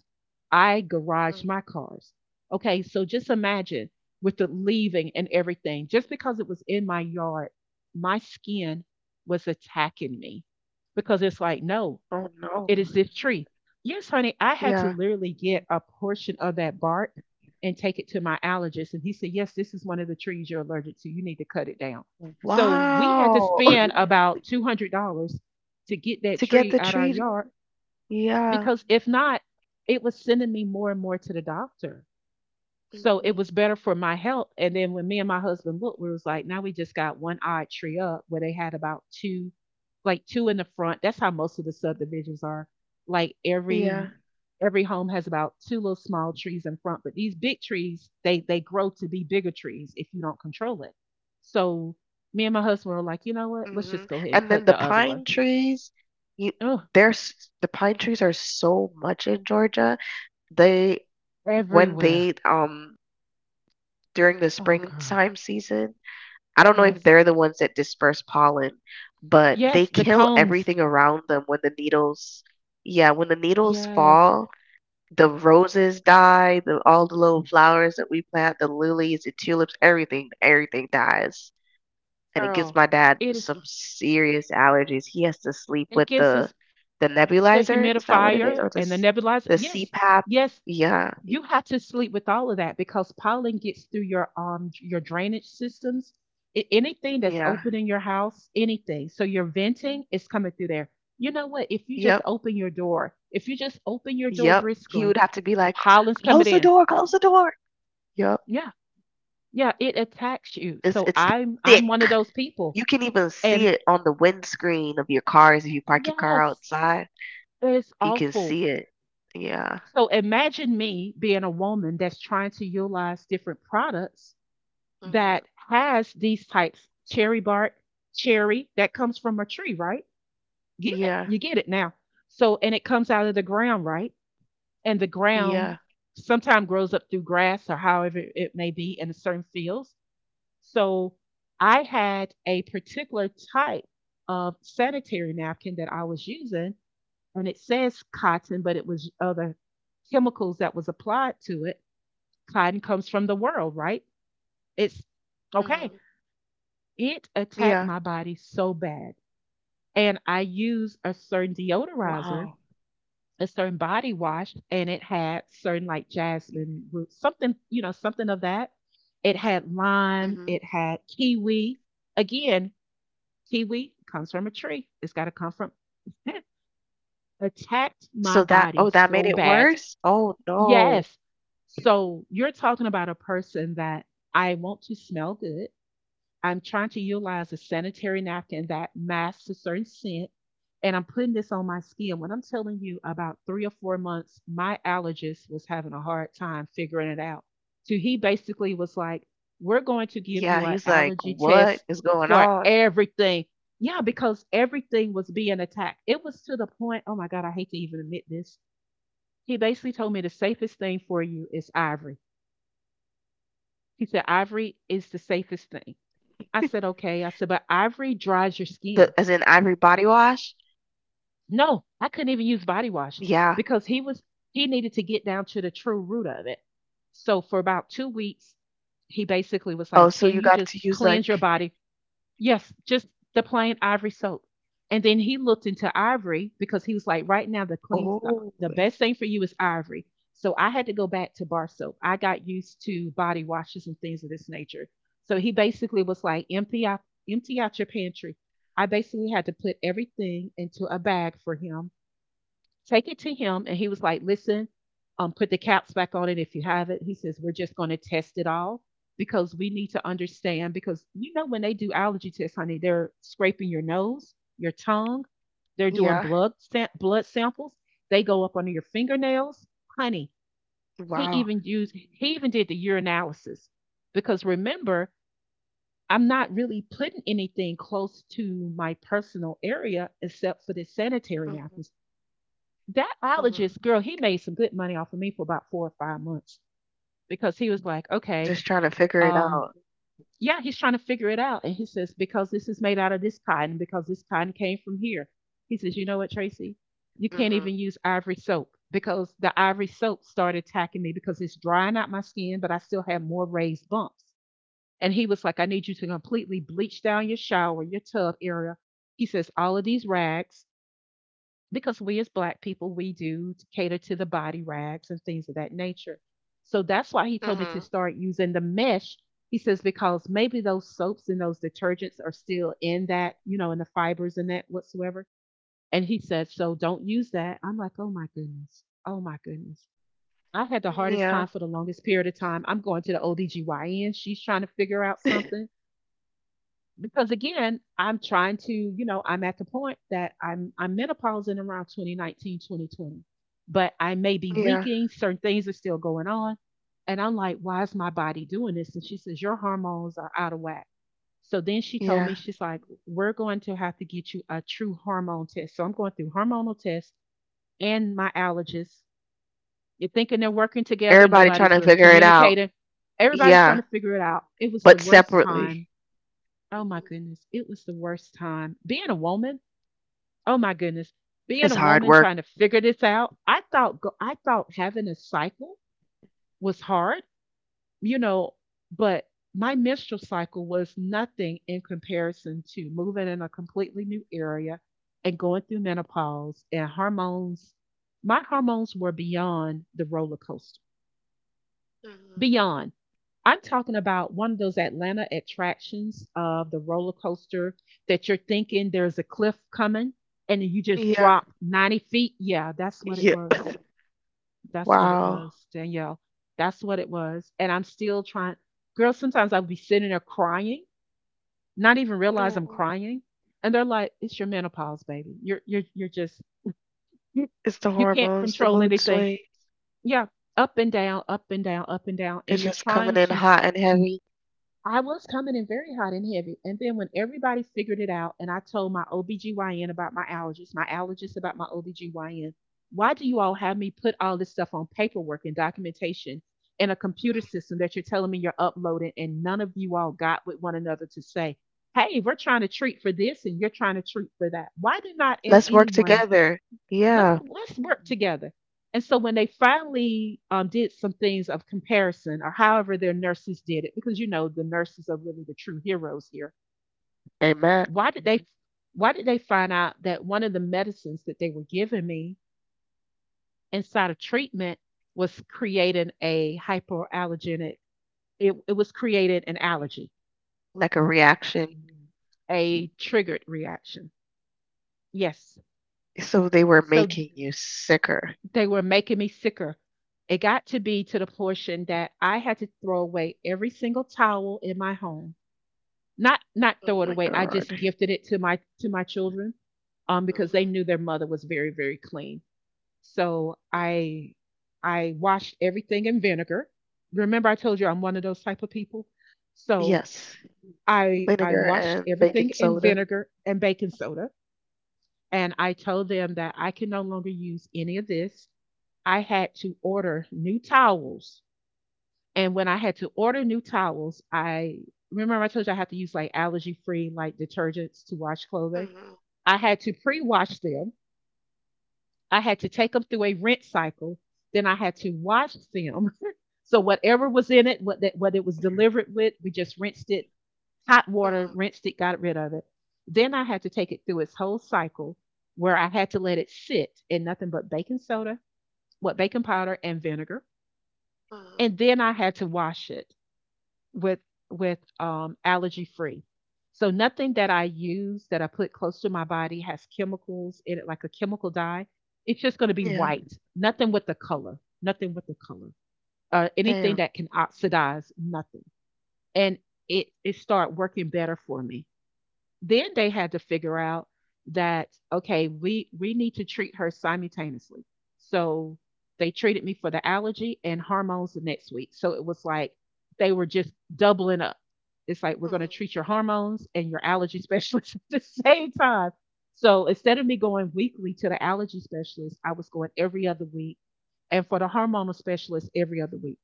A: I garage
B: Mm.
A: my cars. Okay, so just imagine with the leaving and everything. Just because it was in my yard, my skin was attacking me because it's like, no,
B: Oh
A: it
B: no.
A: is this tree. Yes, honey, I had to
B: Yeah.
A: literally get a portion of that bark and take it to my allergist. And he said, yes, this is one of the trees you're allergic to. You need to cut it down. So we had to
B: Wow.
A: spend
B: <laughs>
A: about $200 to get that
B: To get
A: tree
B: the
A: out our
B: tree.
A: yard
B: Yeah.
A: because if not, it was sending me more and more to the doctor. So it was
B: Mhm.
A: better for my health. And then when me and my husband looked, we was like, now we just got one odd tree up where they had about two, like two in the front. That's how most of the subdivisions are. Like every
B: Yeah.
A: every home has about two little small trees in front, but these big trees, they grow to be bigger trees if you don't control it. So me and my husband were like, you know what? Let's just
B: Mhm.
A: go ahead and
B: And then
A: cut the other one.
B: you
A: Oh,
B: the pine trees are so much in Georgia. They when
A: everywhere.
B: they during the
A: Oh girl.
B: springtime season. I don't know if
A: Yes.
B: they're the ones that disperse pollen, but they
A: Yes, the
B: kill
A: cones.
B: everything around them when the needles, yeah, when the needles
A: Yes.
B: fall, the roses die, all the little flowers that we plant, the lilies, the tulips, everything, everything dies. And it gives
A: Girl.
B: my dad
A: It is.
B: some serious allergies. He has to sleep
A: It
B: with
A: gives
B: the
A: us
B: the
A: the
B: nebulizer. Is that what it is?
A: humidifier
B: Or the
A: and the
B: s-
A: nebulizer.
B: the
A: Yes,
B: CPAP?
A: yes,
B: Yeah,
A: you
B: y-
A: have to sleep with all of that because pollen gets through your drainage systems, I- anything that's
B: yeah,
A: open in your house, anything. So your venting is coming through there. You know what? If you just
B: yep.
A: open your door, if you just open your door
B: Yep. He would
A: briskly,
B: have to be like,
A: pollen's coming
B: close the
A: in.
B: door, close the door. Yep.
A: Yeah, yeah, it attacks you.
B: It's
A: So
B: it's
A: I'm one
B: thick.
A: of those people,
B: You can even see
A: and
B: it on the windscreen of your cars if you park your car
A: yes,
B: outside.
A: it's
B: You can
A: awful.
B: see it. Yeah.
A: So imagine me being a woman that's trying to utilize different products
B: Mhm.
A: that has these types cherry bark, cherry that comes from a tree, right? Get it?
B: Yeah.
A: You get it now. So and it comes out of the ground, right? And the ground
B: Yeah.
A: sometimes grows up through grass or however it may be in certain fields. So I had a particular type of sanitary napkin that I was using and it says cotton, but it was other chemicals that was applied to it. Cotton comes from the world, right? It's okay.
B: Mhm.
A: It attacked
B: Yeah.
A: my body so bad. And I used a certain deodorizer,
B: Wow.
A: a certain body wash, and it had certain like jasmine root, something, you know, something of that. It had lime,
B: Mhm.
A: it had kiwi. Again, kiwi comes from a tree. It's got to come from <laughs> attacked my
B: So that
A: body
B: oh that made
A: so
B: it
A: bad.
B: worse? Oh no.
A: Yes. So you're talking about a person that I want to smell good. I'm trying to utilize a sanitary napkin that masks a certain scent, and I'm putting this on my skin. When I'm telling you about 3 or 4 months, my allergist was having a hard time figuring it out. So he basically was like, we're going to give
B: Yeah,
A: you an
B: he's like,
A: allergy
B: "What
A: test
B: is going
A: for
B: on?"
A: everything. Yeah, because everything was being attacked. It was to the point, oh my God, I hate to even admit this he basically told me the safest thing for you is ivory. He said, Ivory is the safest thing. I said,
B: <laughs>
A: okay. I said, but ivory dries your
B: The
A: skin.
B: As in Ivory body wash?
A: No, I couldn't even use body wash
B: Yeah.
A: because he was, he needed to get down to the true root of it. So for about 2 weeks, he basically was
B: Oh,
A: like,
B: so
A: can
B: you
A: you
B: got
A: just
B: to use
A: cleanse
B: like,
A: your body. Yes, just the plain ivory soap. And then he looked into ivory because he was like, right now the cleanest,
B: oh,
A: the best thing for you is ivory. So I had to go back to bar soap. I got used to body washes and things of this nature. So he basically was like, empty out your pantry. I basically had to put everything into a bag for him take it to him. And he was like, listen, put the caps back on it if you have it. He says, we're just going to test it all because we need to understand. Because you know, when they do allergy tests, honey, they're scraping your nose, your tongue, they're doing
B: yeah.
A: blood samples, they go up under your fingernails. Honey,
B: Wow.
A: he even did the urinalysis. Because remember, I'm not really putting anything close to my personal area except for the sanitary
B: Mhm,
A: napkins. That
B: mhm.
A: biologist girl, he made some good money off of me for about 4 or 5 months because he was like, okay,
B: Just trying to figure it
A: um,
B: out.
A: yeah, he's trying to figure it out. And he says, because this is made out of this cotton, because this cotton came from here. He says, you know what, Tracy? You can't
B: Mhm,
A: even use ivory soap because the ivory soap started attacking me because it's drying out my skin, but I still have more raised bumps. And he was like, I need you to completely bleach down your shower, your tub area. He says, all of these rags, because we as black people we do cater to the body rags and things of that nature, so that's why he told me to
B: mhm.
A: start using the mesh. He says, because maybe those soaps and those detergents are still in that, in the fibers and that whatsoever. And he said, so don't use that. I'm like, oh my goodness, oh my goodness. I had the hardest
B: Yeah.
A: time for the longest period of time. I'm going to the OBGYN, she's trying to figure out something.
B: <laughs>
A: Because again, I'm trying to, I'm at the point that I'm menopausing around 2019, 2020. But I may be
B: Yeah,
A: leaking, certain things are still going on. And I'm like, why is my body doing this? And she says, your hormones are out of whack. So then she told me,
B: yeah.
A: she's like, we're going to have to get you a true hormone test. So I'm going through hormonal tests and my allergist. You're thinking they're working together,
B: Everybody trying
A: nobody's
B: to
A: really
B: figure it out.
A: communicating. Everybody's
B: Yeah,
A: trying to figure it out. It was the
B: but
A: worst
B: separately.
A: time. Oh my
B: Mhm.
A: goodness, it was the worst time. Being a woman, oh my goodness, being
B: It's
A: a
B: hard
A: woman
B: work.
A: trying to figure this out. I thought having a cycle was hard, you know, but my menstrual cycle was nothing in comparison to moving in a completely new area and going through menopause and hormones. My hormones were beyond the roller coaster,
B: Mhm.
A: beyond. I'm talking about one of those Atlanta attractions of the roller coaster that you're thinking there's a cliff coming and then you just
B: Yeah.
A: drop 90 feet. Yeah, that's what it
B: Yeah.
A: was.
B: <laughs>
A: That's what it
B: Wow.
A: was, Danielle. That's what it was. And I'm still trying. Girl, sometimes I'll be sitting there crying, not even realize I'm
B: No.
A: crying. And they're like, it's your menopause, baby. You're just you,
B: It's the
A: you can't
B: hormones, the
A: control
B: mood
A: anything.
B: swings.
A: Yeah, up and down, up and down, up and down. And
B: It's
A: you're
B: just coming
A: trying
B: in
A: to
B: hot and heavy.
A: I was coming in very hot and heavy. And then when everybody figured it out and I told my OBGYN about my allergies, my allergist about my OBGYN, why do you all have me put all this stuff on paperwork and documentation in a computer
B: Hmm.
A: system that you're telling me you're uploading and none of you all got with one another to say, hey, we're trying to treat for this and you're trying to treat for that? Why did not
B: Let's work
A: anyone
B: together.
A: let's
B: Yeah.
A: let's work together. And so when they finally did some things of comparison, or however their nurses did it, because you know the nurses are really the true heroes here.
B: Amen.
A: Why did they? Why did they find out that one of the medicines that they were giving me inside of treatment was creating a hypoallergenic? It was creating an allergy,
B: Like a reaction.
A: a triggered reaction. Yes.
B: So they were
A: So
B: making you sicker.
A: they were making me sicker. It got to be to the portion that I had to throw away every single towel in my home. Not
B: Oh
A: throw it
B: my
A: away. I
B: God.
A: just gifted it to my children, um, because they
B: Mhm,
A: knew their mother was very, very clean. So
B: mhm.
A: I washed everything in vinegar. Remember I told you I'm one of those type of people. So
B: Yes.
A: I
B: Vinegar
A: washed
B: and baking
A: everything in
B: soda.
A: vinegar and baking soda, and I told them that I can no longer use any of this. I had to order new towels. And when I had to order new towels, I remember I told you I had to use like allergy free like detergents to wash clothing.
B: Mhm,
A: I had to pre wash them. I had to take them through a rinse cycle. Then I had to wash them. <laughs> So whatever was in it, what that what it was delivered with, we just rinsed it, hot water,
B: mhm,
A: rinsed it, got rid of it. Then I had to take it through its whole cycle where I had to let it sit in nothing but baking soda, what baking powder and vinegar. And
B: mhm.
A: then I had to wash it with with allergy free. So nothing that I use that I put close to my body has chemicals in it, like a chemical dye. It's just going to be white.
B: Yeah.
A: Nothing with the color. Nothing with the color. Anything that can
B: Damn.
A: oxidize. Nothing. And it started working better for me. Then they had to figure out that okay, we need to treat her simultaneously. So they treated me for the allergy and hormones the next week. So it was like they were just doubling up. It's like we're going to treat your
B: Mhm.
A: hormones and your allergy <laughs> specialist at the same time. So instead of me going weekly to the allergy specialist, I was going every other week. And for the hormonal specialist, every other week.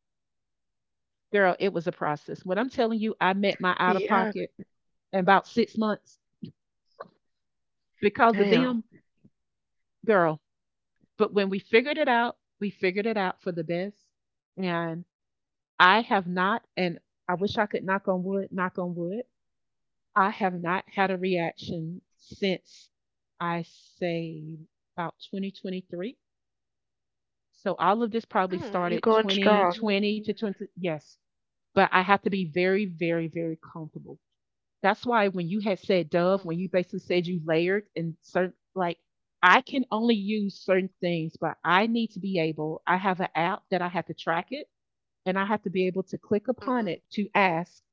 A: Girl, it was a process. When I'm telling you, I met my out of pocket
B: Yeah.
A: in about 6 months because of them.
B: Damn.
A: Girl. But when we figured it out, we figured it out for the best. And I have not, and I wish I could knock on wood, knock on wood. I have not had a reaction since I say about 2023. So all of this probably
B: Mm, you
A: started
B: going strong.
A: 2020 to 20. Yes, but I have to be very, very, very comfortable. That's why when you had said
B: Mhm,
A: Dove, when you basically said you layered and certain, like, I can only use certain things, but I need to be able, I have an app that I have to track it and I have to be able to click
B: mhm.
A: upon it to ask,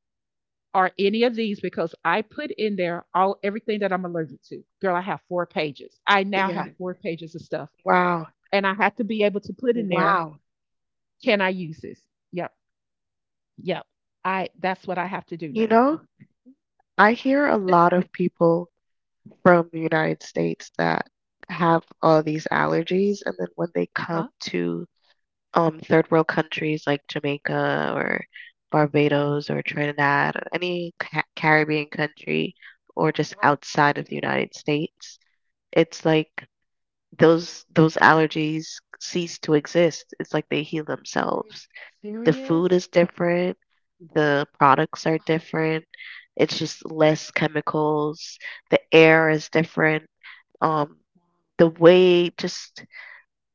A: are any of these, because I put in there all everything that I'm allergic to. Girl, I have 4 pages. I now
B: Yeah.
A: have 4 pages of stuff.
B: Wow.
A: And I have to be able to put in there,
B: Wow.
A: can I use this? Yep. Yep. I that's what I have to do
B: You
A: now.
B: know, I hear a lot of people from the United States that have all these allergies, and then when they come
A: Huh?
B: to third world countries like Jamaica or Barbados or Trinidad or any Caribbean country or just
A: Uh-huh.
B: outside of the United States, it's like those allergies cease to exist. It's like they heal
A: Are you
B: themselves. The food is
A: serious?
B: different, the products are
A: <sighs>
B: different. It's just less chemicals, the air is different, um
A: Oh,
B: the way just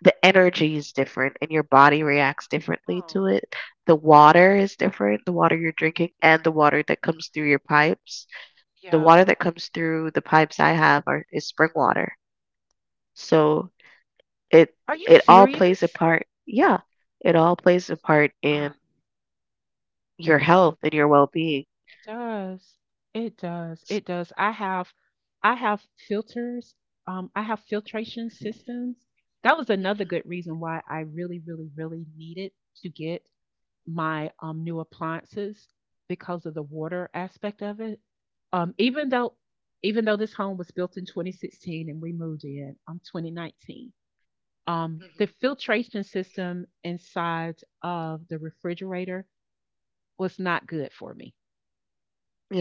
B: the energy is different, and your body reacts differently to
A: oh,
B: it. The water is different, the water you're drinking and the water that comes through your pipes. The
A: yeah.
B: water that comes through the pipes I have are is spring water. So it
A: Are you
B: it all plays a
A: serious?
B: part, yeah, it all plays a part in
A: God,
B: your health and your well-being.
A: it does. It does. It does. I have filters. I have filtration systems. That was another
B: Mhm,
A: good reason why I really, really, really needed to get my new appliances because of the water aspect of it. Um, even though even though this home was built in 2016 and we moved in 2019, um, the
B: mhm,
A: filtration system inside of the refrigerator was not good for me.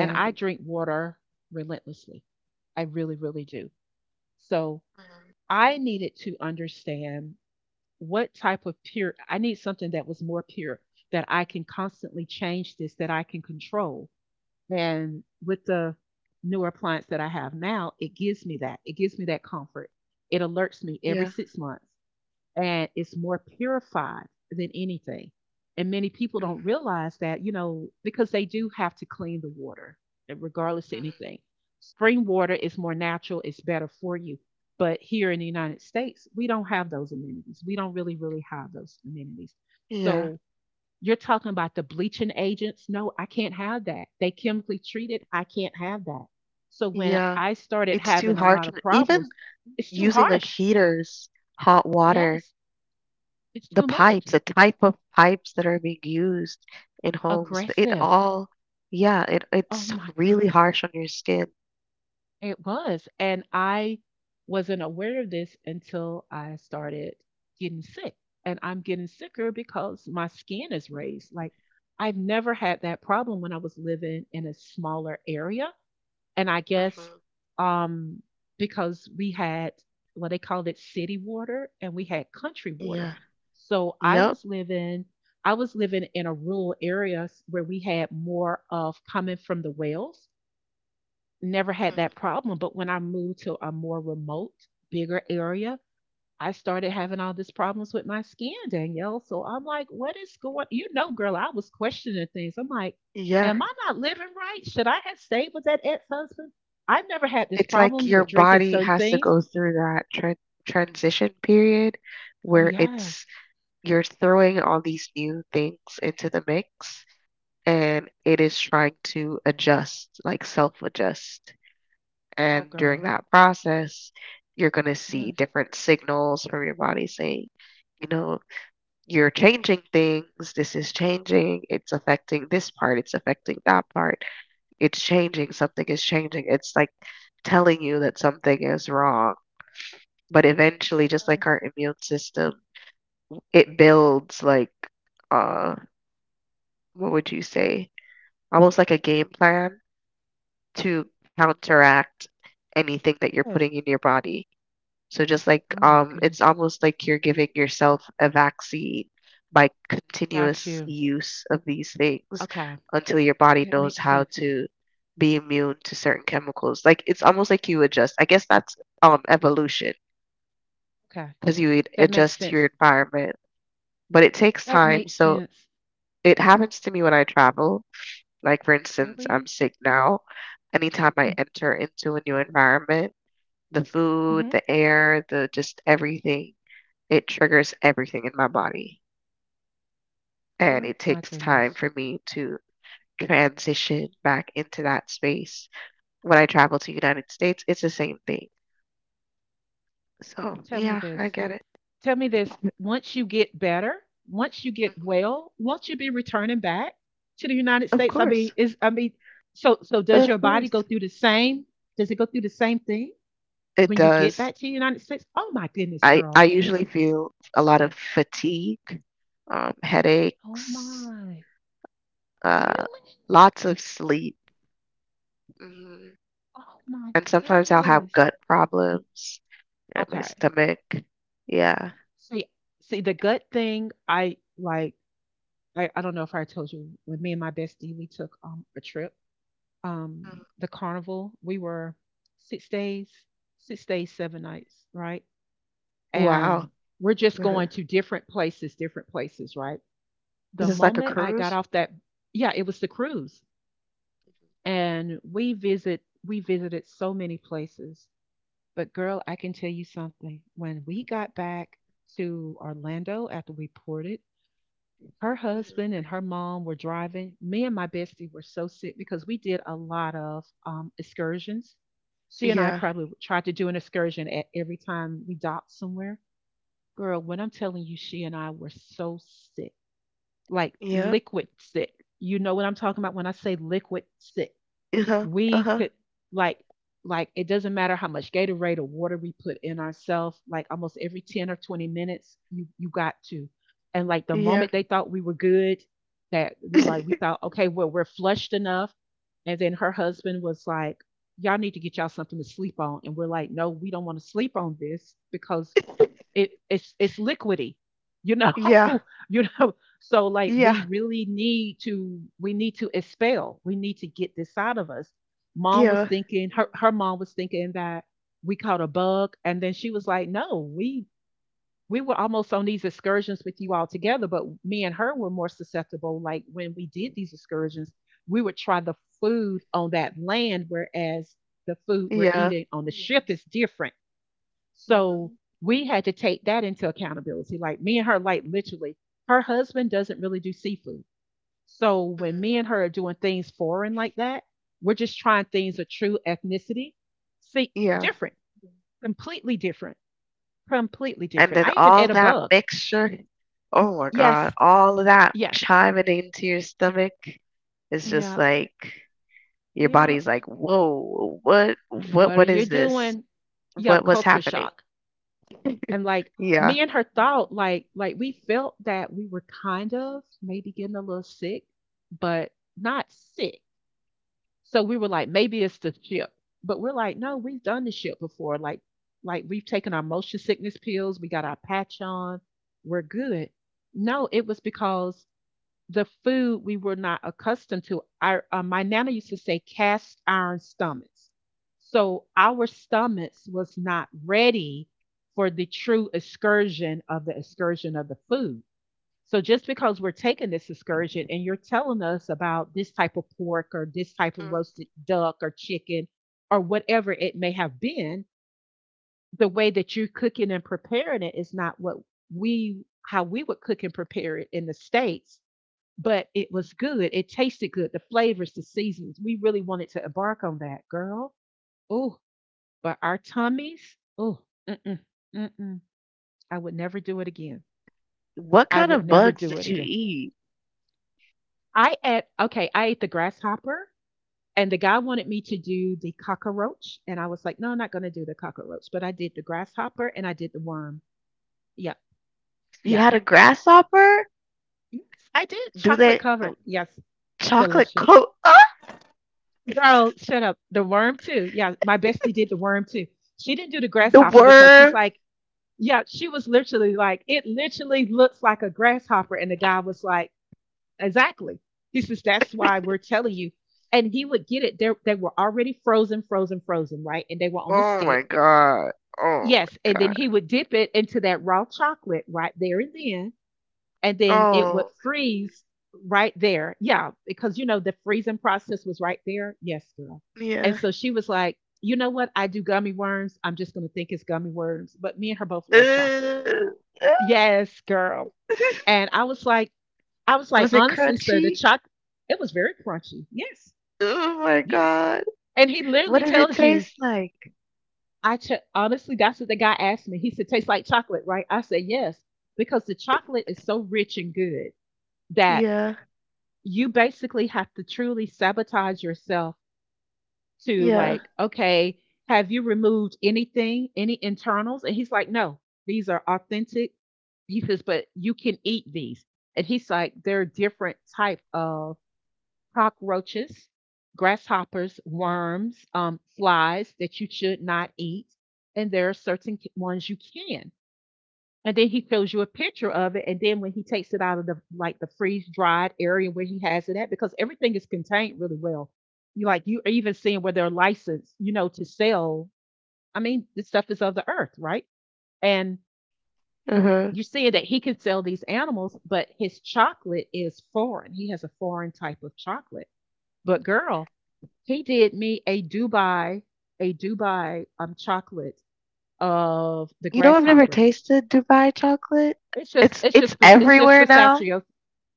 A: And I drink water relentlessly. I really, really do. So
B: Mhm,
A: I needed to understand what type of pure, I need something that was more pure, that I can constantly change this, that I can control. And with the newer appliance that I have now, it gives me that. It gives me that comfort. It alerts me every
B: yeah.
A: 6 months and it's more purified than anything. And many people don't
B: Mhm,
A: realize that, you know, because they do have to clean the water, and regardless of
B: mhm,
A: anything. Spring water is more natural, it's better for you. But here in the United States, we don't have those amenities. We don't really, really have those amenities.
B: yeah.
A: So you're talking about the bleaching agents. No, I can't have that. They chemically treat it. I can't have that. So when
B: Yeah,
A: I started
B: it's too
A: having a lot
B: harsh on
A: of
B: even
A: problems, it's too
B: using like
A: harsh.
B: heaters, hot water,
A: Yes, it's
B: the
A: too much.
B: pipes, the type of pipes that are being used in homes. It
A: Aggressive.
B: all, yeah, it
A: Oh
B: it's
A: my god.
B: really harsh on your skin.
A: It was. And I wasn't aware of this until I started getting sick. And I'm getting sicker because my skin is raised. Like I've never had that problem when I was living in a smaller area. And I guess
B: Hmm.
A: um because we had well, they called it city water and we had country water.
B: Yeah.
A: So
B: Yep.
A: I was living in a rural area where we had more of coming from the wells. Never had
B: Hmm.
A: that problem, but when I moved to a more remote, bigger area, I started having all these problems with my skin, Danielle. So I'm like, what is going, you know, girl, I was questioning things. I'm like,
B: Yeah.
A: am I not living right? Should I have stayed with that ex-husband? I've never had this
B: It's like
A: problem
B: your
A: with drinking
B: body
A: certain
B: has to
A: things.
B: go through that transition period
A: Oh
B: where it's
A: yes.
B: you're throwing all these new things into the mix, and it is trying to adjust, like self-adjust.
A: Oh
B: And during
A: girl.
B: that process, you're going to see
A: Yes.
B: different signals from your body saying, you know, you're changing things. This is changing. It's affecting this part. It's affecting that part. It's changing. Something is changing. It's like telling you that something is wrong. But eventually, just like our
A: Yes.
B: immune system, it builds like, uh, what would you say? Almost like a game plan to counteract anything that you're putting
A: Yes.
B: in your body. So just like,
A: Oh my
B: it's
A: goodness.
B: almost like you're giving yourself a vaccine by
A: Got
B: continuous
A: you.
B: use of these things
A: Okay.
B: until your body
A: That
B: knows
A: makes
B: how
A: sense.
B: to be immune to certain chemicals. Like it's almost like you adjust. I guess that's evolution,
A: Okay.
B: because you
A: That makes
B: adjust to your
A: sense.
B: environment, but it takes
A: That
B: time.
A: makes
B: So
A: sense.
B: it happens to me when I travel. Like for instance, I'm
A: Really?
B: sick now. Anytime I enter into a new environment, the food,
A: Mm-hmm.
B: the air, the just everything. It triggers everything in my body. And
A: Oh
B: it
A: my
B: takes time
A: goodness.
B: for me to transition back into that space. When I travel to United States, it's the same thing. So
A: Tell me
B: yeah,
A: this.
B: I get it.
A: Tell me this. Once you get better, once you get
B: Mhm.
A: well, won't you be returning back to the United
B: Of
A: States? I mean,
B: course.
A: is I mean, so so does
B: Of
A: your body go
B: course.
A: through the same? Does it go through the same thing
B: It
A: when you get
B: does.
A: back to the United States? Oh my goodness,
B: I
A: girl.
B: usually feel a lot
A: Uh,
B: of fatigue,
A: Oh
B: headaches,
A: my.
B: uh,
A: Really?
B: lots of sleep. Mhm.
A: Oh my
B: And sometimes I'll have
A: goodness.
B: gut problems and my
A: Okay.
B: stomach. Yeah.
A: See, see the gut thing, I like I don't know if I told you when me and my bestie we took a trip, um,
B: Mm.
A: the carnival. We were 6 days, 6 days, 7 nights, right? And
B: Wow.
A: we're just going
B: <laughs>
A: to different places, right?
B: This
A: The
B: is like a
A: moment I got
B: cruise?
A: off that, yeah, it was the cruise, and we visit, we visited so many places. But girl, I can tell you something. When we got back to Orlando after we ported, her
B: Mhm.
A: husband and her mom were driving. Me and my bestie were so sick because we did a lot of excursions. She and I
B: Yeah.
A: probably tried to do an excursion at every time we docked somewhere. Girl, when I'm telling you, she and I were so sick, like
B: Yep.
A: liquid sick. You know what I'm talking about when I say liquid sick.
B: Uh-huh.
A: We
B: Uh-huh.
A: could, like like it doesn't matter how much Gatorade or water we put in ourselves, like almost every 10 or 20 minutes, you got to. And like the
B: Yeah.
A: moment they thought we were good, that like we
B: <laughs>
A: thought, okay, well, we're flushed enough. And then her husband was like, "Y'all need to get y'all something to sleep on." And we're like, "No, we don't want to sleep on this because it's liquidy, you know."
B: Yeah.
A: <laughs> You know, so like we
B: Yeah.
A: really need to, we need to expel. We need to get this out of us. Mom was
B: Yeah.
A: thinking, her mom was thinking that we caught a bug, and then she was like, no, we were almost on these excursions with you all together, but me and her were more susceptible. Like when we did these excursions, we would try the food on that land, whereas the food we're
B: Yeah.
A: eating on the ship is different. So
B: Mhm.
A: we had to take that into accountability. Like me and her, like literally, her husband doesn't really do seafood. So when
B: Mhm.
A: me and her are doing things foreign like that, we're just trying things of true ethnicity. See,
B: Yeah.
A: different, completely different, completely
B: And
A: different.
B: then
A: I even
B: all
A: ate a
B: that
A: bug.
B: mixture. Oh my
A: Yes,
B: God. All of that
A: yes,
B: chiming into your stomach. It's just
A: yeah,
B: like your
A: yep.
B: body's like, whoa, what what
A: What are
B: what
A: you
B: is this?
A: doing? Yeah,
B: What's
A: culture
B: happening?
A: shock. And like
B: Yeah.
A: me and her thought, like we felt that we were kind of maybe getting a little sick, but not sick. So we were like, maybe it's the ship. But we're like, no, we've done the ship before. Like we've taken our motion sickness pills, we got our patch on, we're good. No, it was because the food we were not accustomed to. Our my nana used to say cast iron stomachs, so our stomachs was not ready for the true excursion of the food. So just because we're taking this excursion and you're telling us about this type of pork or this type of
B: Mm.
A: roasted duck or chicken or whatever it may have been, the way that you're cooking and preparing it is not what we, how we would cook and prepare it in the states, but it was good. It tasted good. The flavors, the seasons. We really wanted to embark on that, girl. Oh, but our tummies. Oh, mm-mm, mm-mm. I would never do it again.
B: What
A: I
B: kind
A: would
B: of
A: never
B: bugs
A: do
B: did
A: it
B: you
A: again.
B: eat?
A: I ate. Okay, I ate the grasshopper, and the guy wanted me to do the cockroach, and I was like, no, I'm not going to do the cockroach. But I did the grasshopper, and I did the worm. Yep,
B: You
A: yep.
B: had a grasshopper?
A: I did
B: Do
A: chocolate
B: they
A: covered. Yes,
B: Chocolate
A: delicious.
B: coat. <laughs> Ah!
A: Girl, shut up. The worm too. Yeah, my bestie did the worm too. She didn't do the
B: The
A: grasshopper because she's
B: worm.
A: like, yeah, she was literally like, it literally looks like a grasshopper. And the guy was like, exactly. He says, that's why we're telling you. And he would get it. They were already frozen, frozen, frozen, right? And they were on the
B: Oh
A: stick.
B: my god. Oh
A: Yes.
B: my
A: And then
B: god.
A: he would dip it into that raw chocolate right there, and then it would
B: Oh,
A: freeze right there. Yeah, because you know the freezing process was right there. Yes, girl. And
B: yeah.
A: so she was like, you know what? I do gummy worms. I'm just gonna think it's gummy worms. But me and her both love chocolate.
B: Ugh.
A: Yes, girl. And I was
B: <laughs>
A: like,
B: Was it
A: honestly, sir, the
B: crunchy?
A: chocolate, it was very crunchy. Yes,
B: Oh my
A: yes.
B: god.
A: And he
B: What
A: literally
B: did it
A: tells you,
B: taste like?
A: honestly, that's what the guy asked me. He said, tastes like chocolate, right? I said, yes, because the chocolate is so rich and good that
B: Yeah.
A: you basically have to truly sabotage yourself to,
B: Yeah.
A: like, okay, have you removed anything, any internals? And he's like, no, these are authentic. He says, but you can eat these. And he's like, there are different type of cockroaches, grasshoppers, worms, flies that you should not eat, and there are certain ones you can. And then he shows you a picture of it. And then when he takes it out of the, like, the freeze dried area where he has it at, because everything is contained really well. You, like, you are even seeing where they're licensed, you know, to sell. I mean, this stuff is of the earth, right? And
B: Uh-huh.
A: you're seeing that he can sell these animals, but his chocolate is foreign. He has a foreign type of chocolate. But girl, he did me a Dubai chocolate of the
B: You know, I've never
A: grasshopper.
B: tasted Dubai chocolate.
A: It's just
B: It's
A: it's
B: it's
A: just it's just
B: everywhere now.
A: pistachio.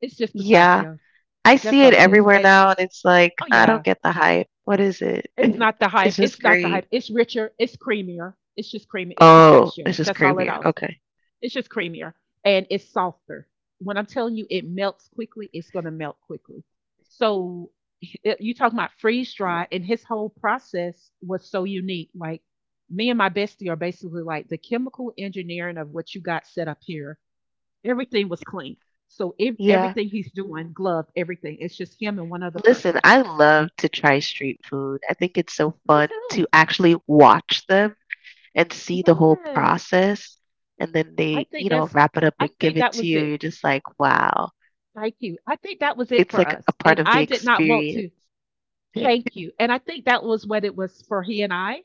A: It's just
B: Yeah.
A: pistachios.
B: I
A: That's
B: see it
A: all it is.
B: everywhere
A: It,
B: now, and it's like,
A: oh
B: I don't
A: yeah,
B: get the hype. What is it?
A: it's
B: <laughs>
A: not the hype.
B: It's just
A: It's not the
B: green.
A: hype. It's richer. It's creamier. It's just creamy. It's
B: Oh, it's
A: pistachios.
B: just
A: That's all it
B: creamier.
A: is.
B: Okay.
A: It's just creamier and it's softer. When I'm telling you it melts quickly, it's gonna melt quickly. So it, you talking about freeze dry, and his whole process was so unique. Like me and my bestie are basically like, the chemical engineering of what you got set up here. Everything was clean. So if
B: Yeah.
A: everything he's doing, gloved, everything. It's just him and one other
B: Listen,
A: person.
B: I love to try street food. I think it's so
A: Me
B: fun to
A: too.
B: actually watch them and see the whole
A: Yes.
B: process. And then
A: I
B: they, you
A: think
B: know,
A: that's
B: wrap it up and
A: I
B: give
A: think
B: it
A: that
B: to
A: was
B: you. You're
A: it.
B: just like, wow.
A: Thank you. I think that was it
B: It's
A: for
B: like a
A: us.
B: part
A: And
B: of the
A: I did not want
B: experience.
A: to,
B: <laughs>
A: thank you. And I think that was what it was for he and I.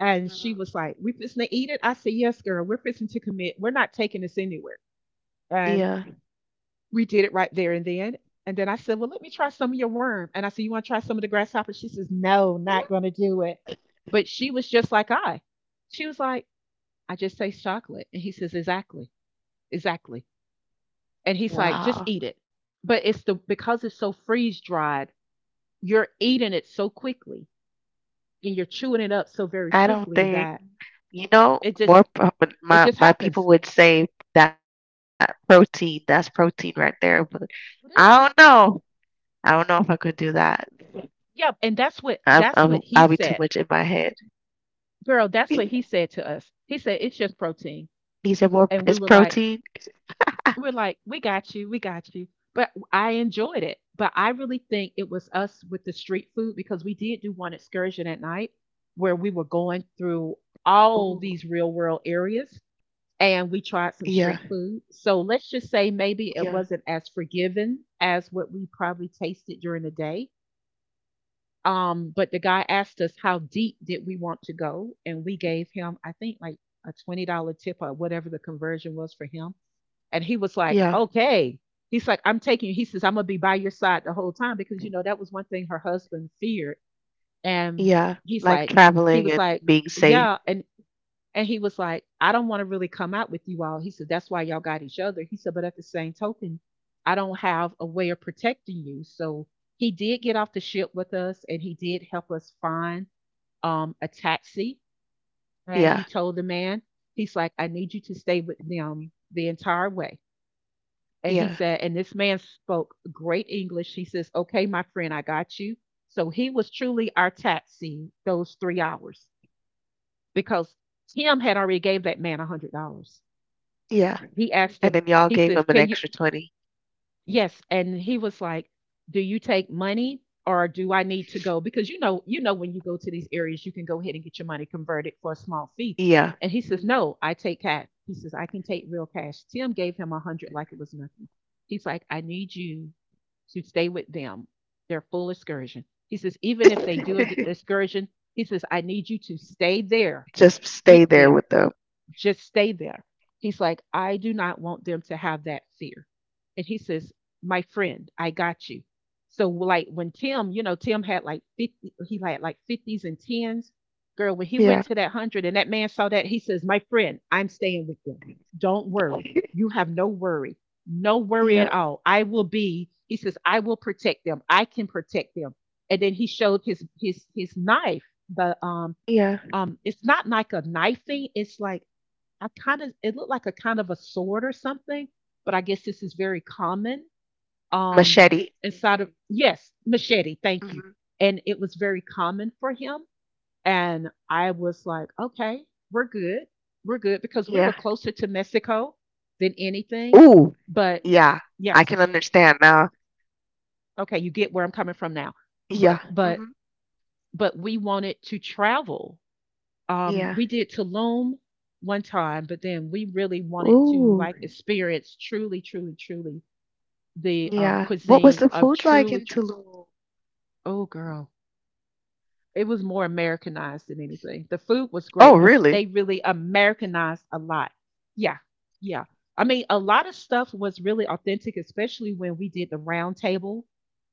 A: And she was
B: Mhm.
A: like, "We fixing to eat it." I said, "Yes, girl, we're fixing to commit. We're not taking this anywhere." And
B: Yeah.
A: we did it right there and then. And then I said, "Well, let me try some of your worm." And I said, "You want to try some of the grasshopper?" She says, "No, not going to do it." But she was just like I. She was like, I just taste chocolate. And he says, exactly, exactly. And he's like, just eat it.
B: Wow.
A: But it's the, because it's so freeze dried, you're eating it so quickly and you're chewing it up so very
B: I don't
A: quickly
B: think,
A: that
B: you know,
A: it just
B: but
A: it
B: my
A: just
B: my
A: happens.
B: people would say that protein, that's protein right there, but I don't
A: It is.
B: know. I don't know if I could do that.
A: Yeah. And that's
B: I'm,
A: what
B: I'm
A: that's
B: I'll
A: what
B: be too
A: he
B: much in
A: said.
B: my head.
A: Girl, that's what he
B: <laughs>
A: said to us. He said, it's just protein.
B: These are more
A: And we
B: is
A: were like,
B: protein.
A: we're like, we got you, we got you. But I enjoyed it. But I really think it was us with the street food because we did do one excursion at night where we were going through all
B: Ooh,
A: these real world areas, and we tried some
B: yeah,
A: street food. So let's just say maybe it
B: yeah,
A: wasn't as forgiving as what we probably tasted during the day. But the guy asked us how deep did we want to go, and we gave him, I think, like a $20 tip or whatever the conversion was for him. And he was like,
B: yeah,
A: okay. He's like, I'm taking you. He says, I'm going to be by your side the whole time because, you know, that was one thing her husband feared. And
B: yeah.
A: he's
B: Like
A: like, he
B: traveling
A: was
B: and
A: like,
B: being safe.
A: yeah. And he was like, I don't want to really come out with you all. He said, that's why y'all got each other. He said, but at the same token, I don't have a way of protecting you. So he did get off the ship with us and he did help us find a taxi. And
B: Yeah,
A: he told the man, he's like, I need you to stay with them the entire way. And he
B: yeah,
A: said, and this man spoke great English. He says, okay, my friend, I got you. So he was truly our taxi those 3 hours because Tim had already gave that man $100.
B: yeah.
A: He asked
B: And
A: him,
B: then y'all
A: he
B: gave
A: says,
B: them an
A: can you,
B: extra 20.
A: yes, and he was like, "Do you take money or do I need to go?" Because you know, when you go to these areas, you can go ahead and get your money converted for a small fee.
B: Yeah.
A: And he says, "No, I take cash." He says, "I can take real cash." Tim gave him a hundred like it was nothing. He's like, "I need you to stay with them. Their full excursion." He says, "Even if they do an
B: <laughs>
A: excursion, he says, I need you to stay there
B: Just
A: with
B: stay there
A: them,
B: with them.
A: just stay there." He's like, I do not want them to have that fear. And he says, my friend, I got you. So like when Tim, you know, Tim had like 50, he had like 50s and 10s. Girl, when he went
B: Yeah,
A: to that 100 and that man saw that, he says, "My friend, I'm staying with them. Don't worry. You have no worry. No worry
B: yeah,
A: at all. I will be," he says, "I will protect them. I can protect them." And then he showed his knife. The
B: yeah.
A: it's not like a knifing, it's like I kind of it looked like a kind of a sword or something, but I guess this is very common. Um
B: Machete.
A: Inside of, yes, machete, thank you.
B: Hmm.
A: And it was very common for him, and I was like, "Okay, we're good. We're good because we were
B: Yeah.
A: closer to Mexico than anything."
B: Ooh,
A: But
B: yeah. I
A: yes,
B: can understand now.
A: okay, you get where I'm coming from now.
B: Yeah.
A: But but
B: Hmm.
A: but we wanted to travel.
B: Yeah.
A: We did Tulum one time, but then we really wanted to
B: Ooh,
A: like experience truly, truly, truly the
B: yeah. What was
A: cuisine
B: the
A: of
B: food like
A: truly.
B: in Tulum?
A: Oh, girl, it was more Americanized than anything. The food was
B: Oh,
A: great, but they
B: really?
A: really Americanized a lot. Yeah, yeah. I mean, a lot of stuff was really authentic, especially when we did the round table,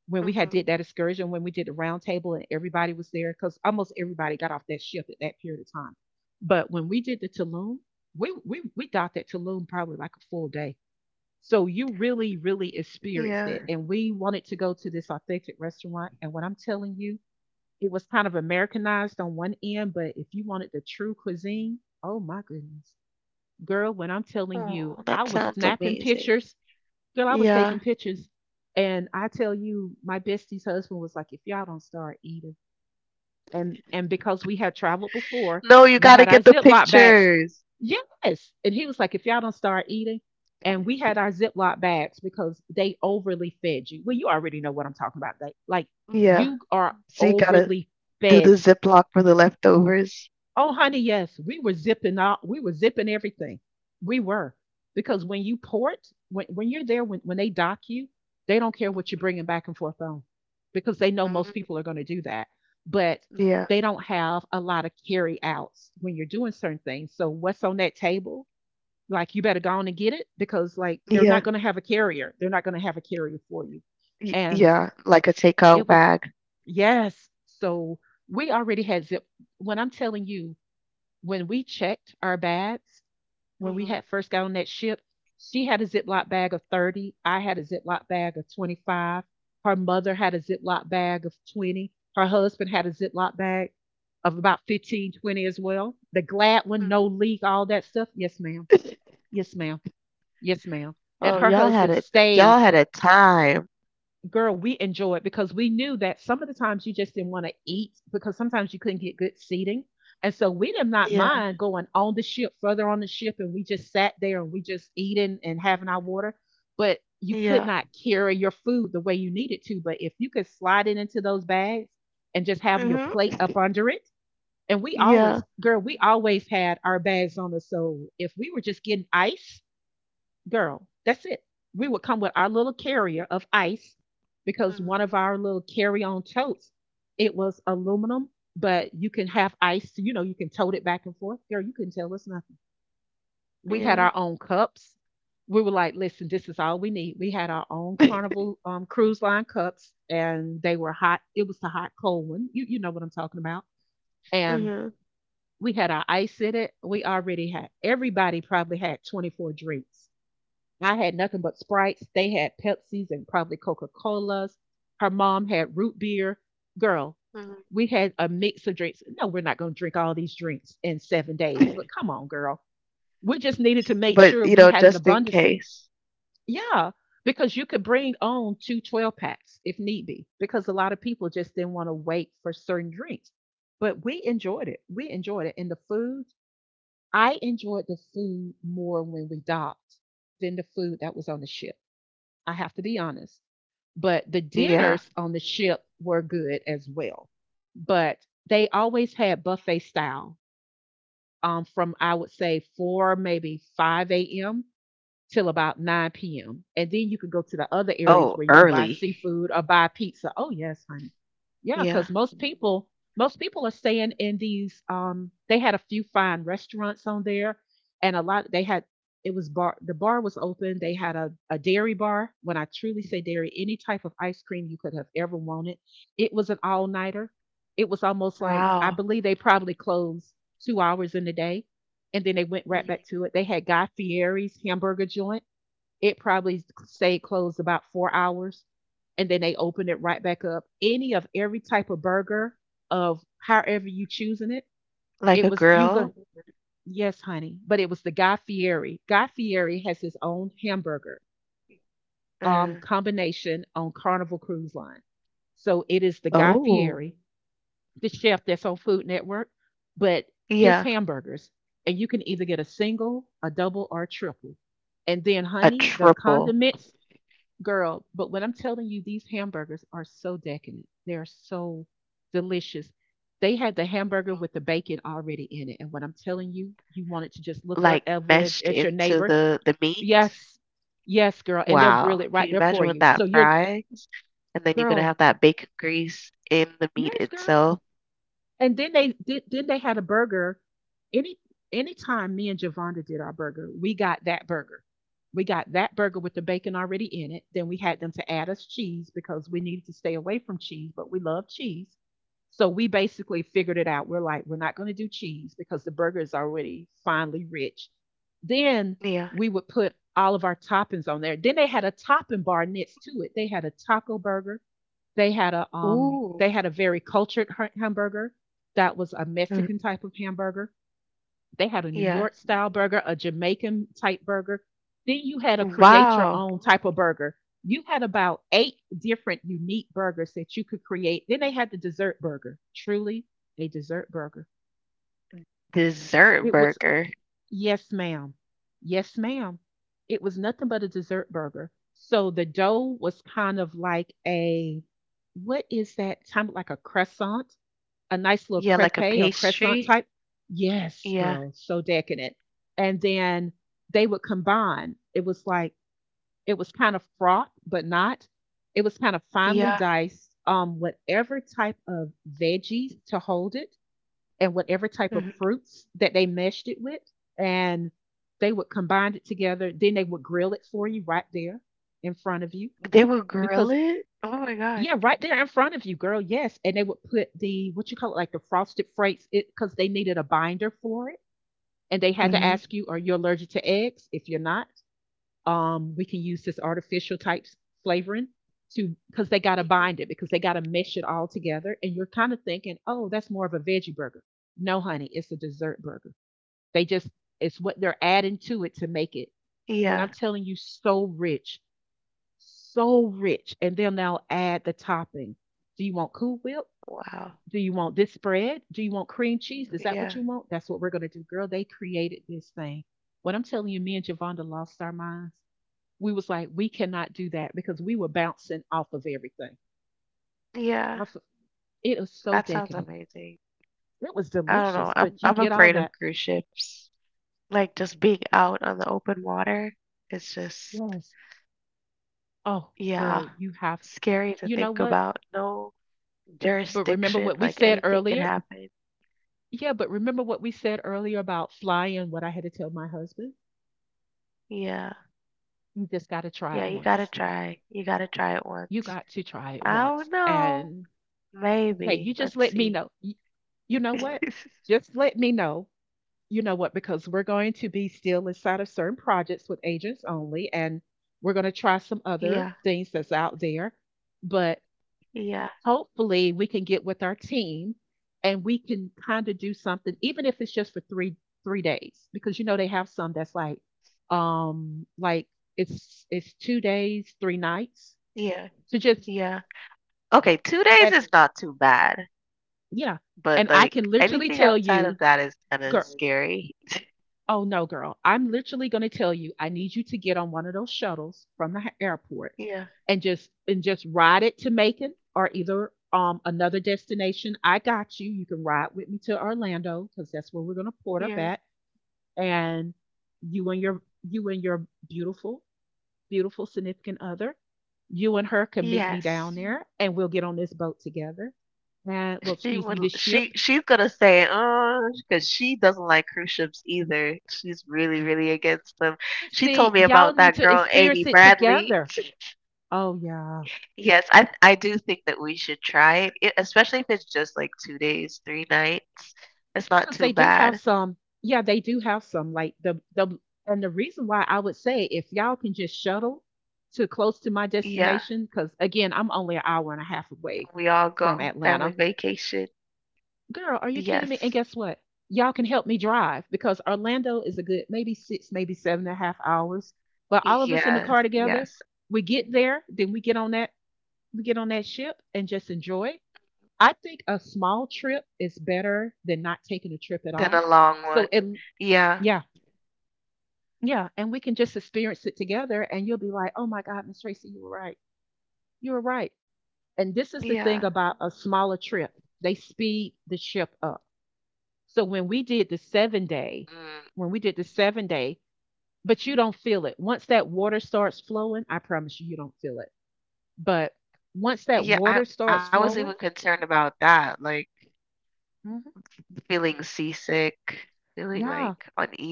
A: when we had did
B: Hmm.
A: that excursion, when we did the round table and everybody was there, because almost everybody got off that ship at that period of time. But when we did the Tulum, we docked at Tulum probably like a full day. So you really, really experienced
B: Yeah.
A: it. And we wanted to go to this authentic restaurant. And what I'm telling you, it was kind of Americanized on one end, but if you wanted the true cuisine, oh my goodness. Girl, when I'm telling you,
B: Oh,
A: I
B: that
A: was
B: sounds
A: snapping
B: amazing.
A: pictures. Girl, I was
B: Yeah.
A: taking pictures. And I tell you, my bestie's husband was like, "If y'all don't start eating." And because we had traveled before,
B: No, you
A: we
B: gotta
A: had our
B: get the
A: Ziploc bags.
B: pictures.
A: Yes. And he was like, "If y'all don't start eating," and we had our Ziploc bags because they overly fed you. Well, you already know what I'm talking about. They like
B: Yeah.
A: you are
B: So you gotta
A: overly
B: do the
A: fed.
B: Ziploc for the leftovers.
A: Oh, honey, yes, we were zipping out. We were zipping everything. We were because when you port, when you're there, when they dock you, they don't care what you're bringing back and forth on, because they know most
B: Mm-hmm.
A: people are going to do that. But
B: Yeah.
A: they don't have a lot of carry outs when you're doing certain things. So what's on that table? Like you better go on and get it because like they're
B: Yeah.
A: not going to have a carrier. They're not going to have a carrier for you.
B: Y-
A: And
B: yeah. Like a takeout
A: it was,
B: bag.
A: yes. So we already had zip. When I'm telling you, when we checked our bags, when we
B: Hmm.
A: had first got on that ship, she had a Ziploc bag of 30. I had a Ziploc bag of 25. Her mother had a Ziploc bag of 20. Her husband had a Ziploc bag of about 15, 20 as well. The glad one,
B: Hmm.
A: no leak, all that stuff. Yes, ma'am. Yes, ma'am. Yes, ma'am. And
B: Oh,
A: her
B: y'all had
A: husband
B: it. Y'all
A: stayed,
B: had a time.
A: girl, we enjoyed because we knew that some of the times you just didn't want to eat because sometimes you couldn't get good seating. And so we did not
B: Yeah.
A: mind going on the ship, further on the ship, and we just sat there and we just eating and having our water. But you could
B: Yeah.
A: not carry your food the way you needed to. But if you could slide it into those bags and just have your
B: Hmm.
A: plate up under it, and we always,
B: Yeah.
A: girl, we always had our bags on us. So if we were just getting ice, girl, that's it. We would come with our little carrier of ice because one of
B: Hmm.
A: our little carry-on totes, it was aluminum, but you can have ice, you know, you can tote it back and forth. Girl, you couldn't tell us nothing. We had our
B: Yeah.
A: own cups. We were like, "Listen, this is all we need." We had our own
B: <laughs>
A: Carnival Cruise Line cups, and they were hot. It was the hot cold one. You know what I'm talking about. And
B: Mhm.
A: we had our ice in it. We already had, everybody probably had 24 drinks. I had nothing but Sprites. They had Pepsis and probably Coca Colas. Her mom had root beer. Girl,
B: Hmm.
A: we had a mix of drinks. No, we're not going to drink all these drinks in 7 days, but
B: <laughs>
A: come on, girl. We just needed to make
B: But,
A: sure
B: you
A: we
B: know,
A: had an
B: just in
A: abundance.
B: case.
A: Yeah, because you could bring on 2 twelve packs if need be, because a lot of people just didn't want to wait for certain drinks. But we enjoyed it. We enjoyed it. And the food, I enjoyed the food more when we docked than the food that was on the ship, I have to be honest. But the
B: Yeah.
A: dinners on the ship were good as well. But they always had buffet style from, I would say, 4, maybe 5 a.m. till about 9 p.m. And then you can go to the other areas
B: Oh,
A: where you can buy
B: early.
A: seafood or buy pizza. Oh yes, honey. Yeah,
B: Yeah.
A: because most people are staying in these they had a few fine restaurants on there, and a lot they had, it was bar was open. They had a dairy bar. When I truly say dairy, any type of ice cream you could have ever wanted. It was an all nighter. It was almost like I
B: Wow.
A: believe they probably closed 2 hours in the day and then they went right
B: Mhm.
A: back to it. They had Guy Fieri's hamburger joint. It probably stayed closed about 4 hours, and then they opened it right back up. Any of every type of burger of however you choosing it,
B: Like
A: it
B: a
A: was you go.
B: girl?
A: Yes, honey, but it was the Guy Fieri. Guy Fieri has his own hamburger
B: Mhm.
A: combination on Carnival Cruise Line. So it is the Guy
B: Oh,
A: Fieri, the chef that's on Food Network, but his
B: yeah,
A: hamburgers, and you can either get a single, a double, or a triple. And then,
B: a
A: honey, the
B: triple.
A: condiments, girl. But when I'm telling you, these hamburgers are so decadent. They're so delicious. They had the hamburger
B: Mhm.
A: with the bacon already in it. And what I'm telling you, you wanted to just look up
B: Like meshed
A: at your
B: into
A: neighbor.
B: the meat.
A: Yes, yes, girl. And they'll grill
B: Wow.
A: it
B: Can
A: right
B: you
A: there for
B: imagine when
A: you. So
B: that
A: you're,
B: fries? And then you're gonna
A: girl,
B: have that bacon grease in the meat
A: yes, girl.
B: itself.
A: And then they did. Then they had a burger. Any anytime me and Javonda did our burger, we got that burger. We got that burger with the bacon already in it. Then we had them to add us cheese because we needed to stay away from cheese, but we love cheese. So we basically figured it out. We're like, we're not going to do cheese because the burger is already finely rich. Then
B: Yeah.
A: we would put all of our toppings on there. Then they had a topping bar next to it. They had a taco burger,
B: Ooh.
A: they had a very cultured hamburger that was a Mexican
B: Mhm.
A: type of hamburger. They had a New
B: Yeah.
A: York style burger, a Jamaican type burger. Then you had a create your
B: Wow.
A: own type of burger. You had about eight different unique burgers that you could create. Then they had the dessert burger. Truly a dessert burger.
B: Dessert
A: It was,
B: burger.
A: yes, ma'am. Yes, ma'am. It was nothing but a dessert burger. So the dough was kind of like a, what is that time, like a croissant, a nice little
B: Yeah, like
A: crepe
B: a
A: or crescent
B: pastry.
A: type. Yes,
B: Yeah.
A: girl, so decadent. And then they would combine. It was like it was kind of froth, but not. It was kind of finely
B: Yeah.
A: diced. Whatever type of veggies to hold it, and whatever type of fruits that they meshed it with, and they would combine it together. Then they would grill it for you right there in front of you
B: They will grill
A: because
B: it? Oh my God.
A: yeah, right there in front of you, girl. Yes, and they would put the what you call it, like the frosted flakes, it because they needed a binder for it, and they had to
B: Mhm.
A: ask you, "Are you allergic to eggs? If you're not, we can use this artificial type flavoring to because they got to
B: Mhm.
A: bind it because they got to mesh it all together." And you're kind of thinking, "Oh, that's more of a veggie burger." No, honey, it's a dessert burger. They just it's what they're adding to it to make it. When I'm
B: Yeah.
A: telling you, so rich, so rich. And then they'll now add the topping. Do you want Cool Whip?
B: Wow.
A: Do you want this spread? Do you want cream cheese? Is that what
B: Yeah.
A: you want? That's what we're going to do. Girl, they created this thing. What I'm telling you, me and Javonda lost our minds. We was like, we cannot do that because we were bouncing off of everything.
B: Yeah.
A: It was so
B: That sounds
A: decadent.
B: amazing.
A: It was
B: I don't
A: delicious,
B: know. I'm
A: but you
B: I'm
A: get all
B: afraid
A: that.
B: of cruise ships. Like just being out on the open water. It's just,
A: Yes. Oh,
B: yeah,
A: girl,
B: scary to
A: you know
B: think
A: what?
B: about. No
A: But remember
B: jurisdiction,
A: what we
B: like
A: said
B: anything can
A: earlier?
B: happen.
A: Yeah, but remember what we said earlier about flying, what I had to tell my husband?
B: Yeah.
A: You just gotta try it
B: Yeah, you gotta
A: once.
B: try. You gotta try it
A: You
B: once.
A: got to try it
B: I
A: once.
B: don't know.
A: And hey, you
B: Maybe.
A: just
B: Let's
A: let me
B: see.
A: know. You know what?
B: <laughs>
A: Just let me know. You know what? Because we're going to be still inside of certain projects with agents only, and we're going to try some other
B: Yeah.
A: things that's out there. But
B: Yeah.
A: hopefully, we can get with our team and we can kind of do something, even if it's just for three three days, because you know they have some that's like it's 2 days, 3 nights
B: Yeah.
A: to just.
B: Yeah. Okay, 2 days
A: And,
B: is not too bad,
A: yeah, and
B: but,
A: I
B: like,
A: can literally
B: anything
A: tell
B: outside
A: you,
B: of that is kinda
A: girl.
B: scary. <laughs>
A: Oh no, girl, I'm literally going to tell you, I need you to get on one of those shuttles from the airport,
B: Yeah,
A: and just ride it to Macon, or either another destination. I got you. You can ride with me to Orlando because that's where we're going to port up
B: yeah.
A: at. And you and your you and your beautiful significant other, you and her can meet me down
B: Yes.
A: there, and we'll get on this boat together. And, well,
B: She
A: excuse
B: would
A: me, this ship.
B: she she's gonna say, oh, because she doesn't like cruise ships either. She's really, really against them. She told me
A: See,
B: about
A: y'all
B: that
A: need to
B: girl, Amy
A: experience it
B: Bradley.
A: together.
B: <laughs>
A: Oh yeah.
B: Yes, I do think that we should try it, e especially if it's just, like, 2 days, 3 nights. It's not
A: Because
B: too
A: they do have
B: bad.
A: some. Yeah, they do have some. Like the And the reason why I would say if y'all can just shuttle to close to my
B: Yeah,
A: destination, because again, I'm only an hour and
B: we
A: a
B: all
A: half
B: go
A: away
B: family
A: from
B: vacation.
A: Atlanta. Girl, are
B: Yes.
A: you kidding me? And guess what? Y'all can help me drive because Orlando is a good maybe six, maybe seven and a half hours. But all of
B: Yes,
A: us in the car
B: yes.
A: together, we get there, then we get on that ship and just enjoy. I think a small trip is better than not taking a trip at
B: Been a
A: all.
B: long one.
A: So it,
B: Yeah,
A: yeah, yeah, and we can just experience it together, and you'll be like, "Oh my God, Miss Tracy, you were right. You were right."
B: yeah.
A: And this is the thing about a smaller trip; they speed the ship up. So when we did the seven
B: Mm,
A: day, when we did the 7-day, but you don't feel it once that water starts flowing. I promise you, you don't feel it. But
B: yeah, I
A: once that
B: I was
A: water
B: even
A: starts
B: concerned
A: flowing,
B: about that, like
A: mhm,
B: feeling seasick, feeling like
A: yeah.
B: uneasy.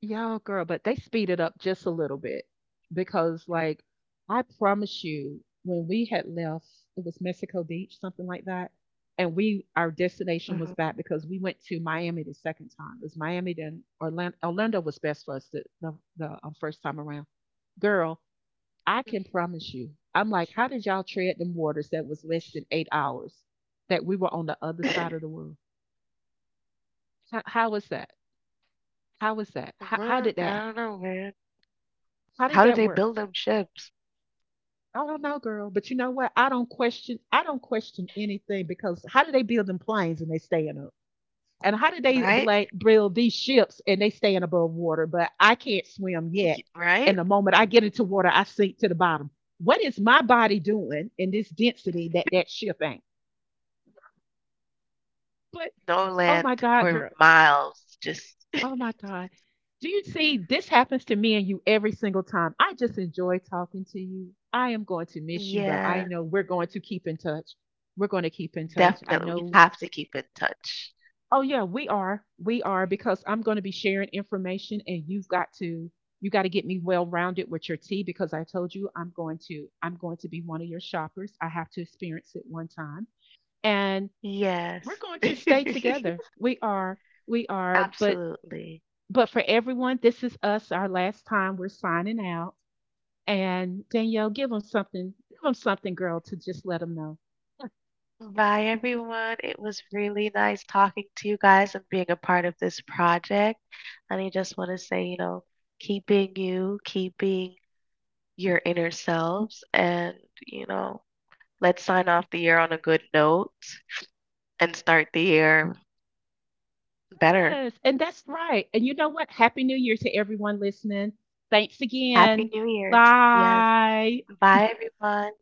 A: Yo, girl, but they speed it up just a little bit because, like, I promise you, when we had left, it was Mexico Beach, something like that, and we our
B: Mhm.
A: destination was back because we went to Miami the second time. It was Miami then Orlando. Orlando was best for us the first time around. Girl, I can promise you, I'm like, how did y'all tread them waters that was less than 8 hours that we were on the other side
B: <laughs>
A: of the world? How was that? How was that? How
B: Man, <coughs>
A: did
B: I
A: that?
B: don't know, man.
A: How
B: How
A: did
B: do they
A: that work?
B: build them ships?
A: I don't know, girl, but you know what? I don't question. I don't question anything because how do they build them planes and they staying up? And how do they
B: Right?
A: build these ships and they staying above water? But I can't swim yet.
B: Right?
A: And the moment I get into water, I sink to the bottom. What is my body doing in this density that that ship ain't? But
B: No
A: oh my
B: land
A: God,
B: for
A: girl.
B: miles. Just
A: Oh my
B: <laughs>
A: God. Do you see, this happens to me and you every single time. I just enjoy talking to you. I am going to miss you, but I
B: yeah,
A: know we're going to keep in touch. We're going to keep in touch. I
B: definitely. We
A: know.
B: have to keep in touch.
A: Oh, yeah, we are. We are because I'm going to be sharing information and you've got to. You got to get me well rounded with your tea because I told you I'm going to be one of your shoppers. I have to experience it one time. And we're
B: Yes.
A: going to stay together. We are. We
B: <laughs>
A: are, but
B: Absolutely.
A: but for everyone, this is us, our last time. We're signing out. And Danielle, give them something. Give them something, girl, to just let them know.
B: Bye, everyone. It was really nice talking to you guys and being a part of this project. And I just want to say, you know, keeping your inner selves, and, you know, let's sign off the year on a good note and start the year better.
A: Yes, and that's right. And you know what? Happy New Year to everyone listening. Thanks
B: Happy
A: again.
B: New Year. Yes.
A: Bye.
B: Bye, everyone.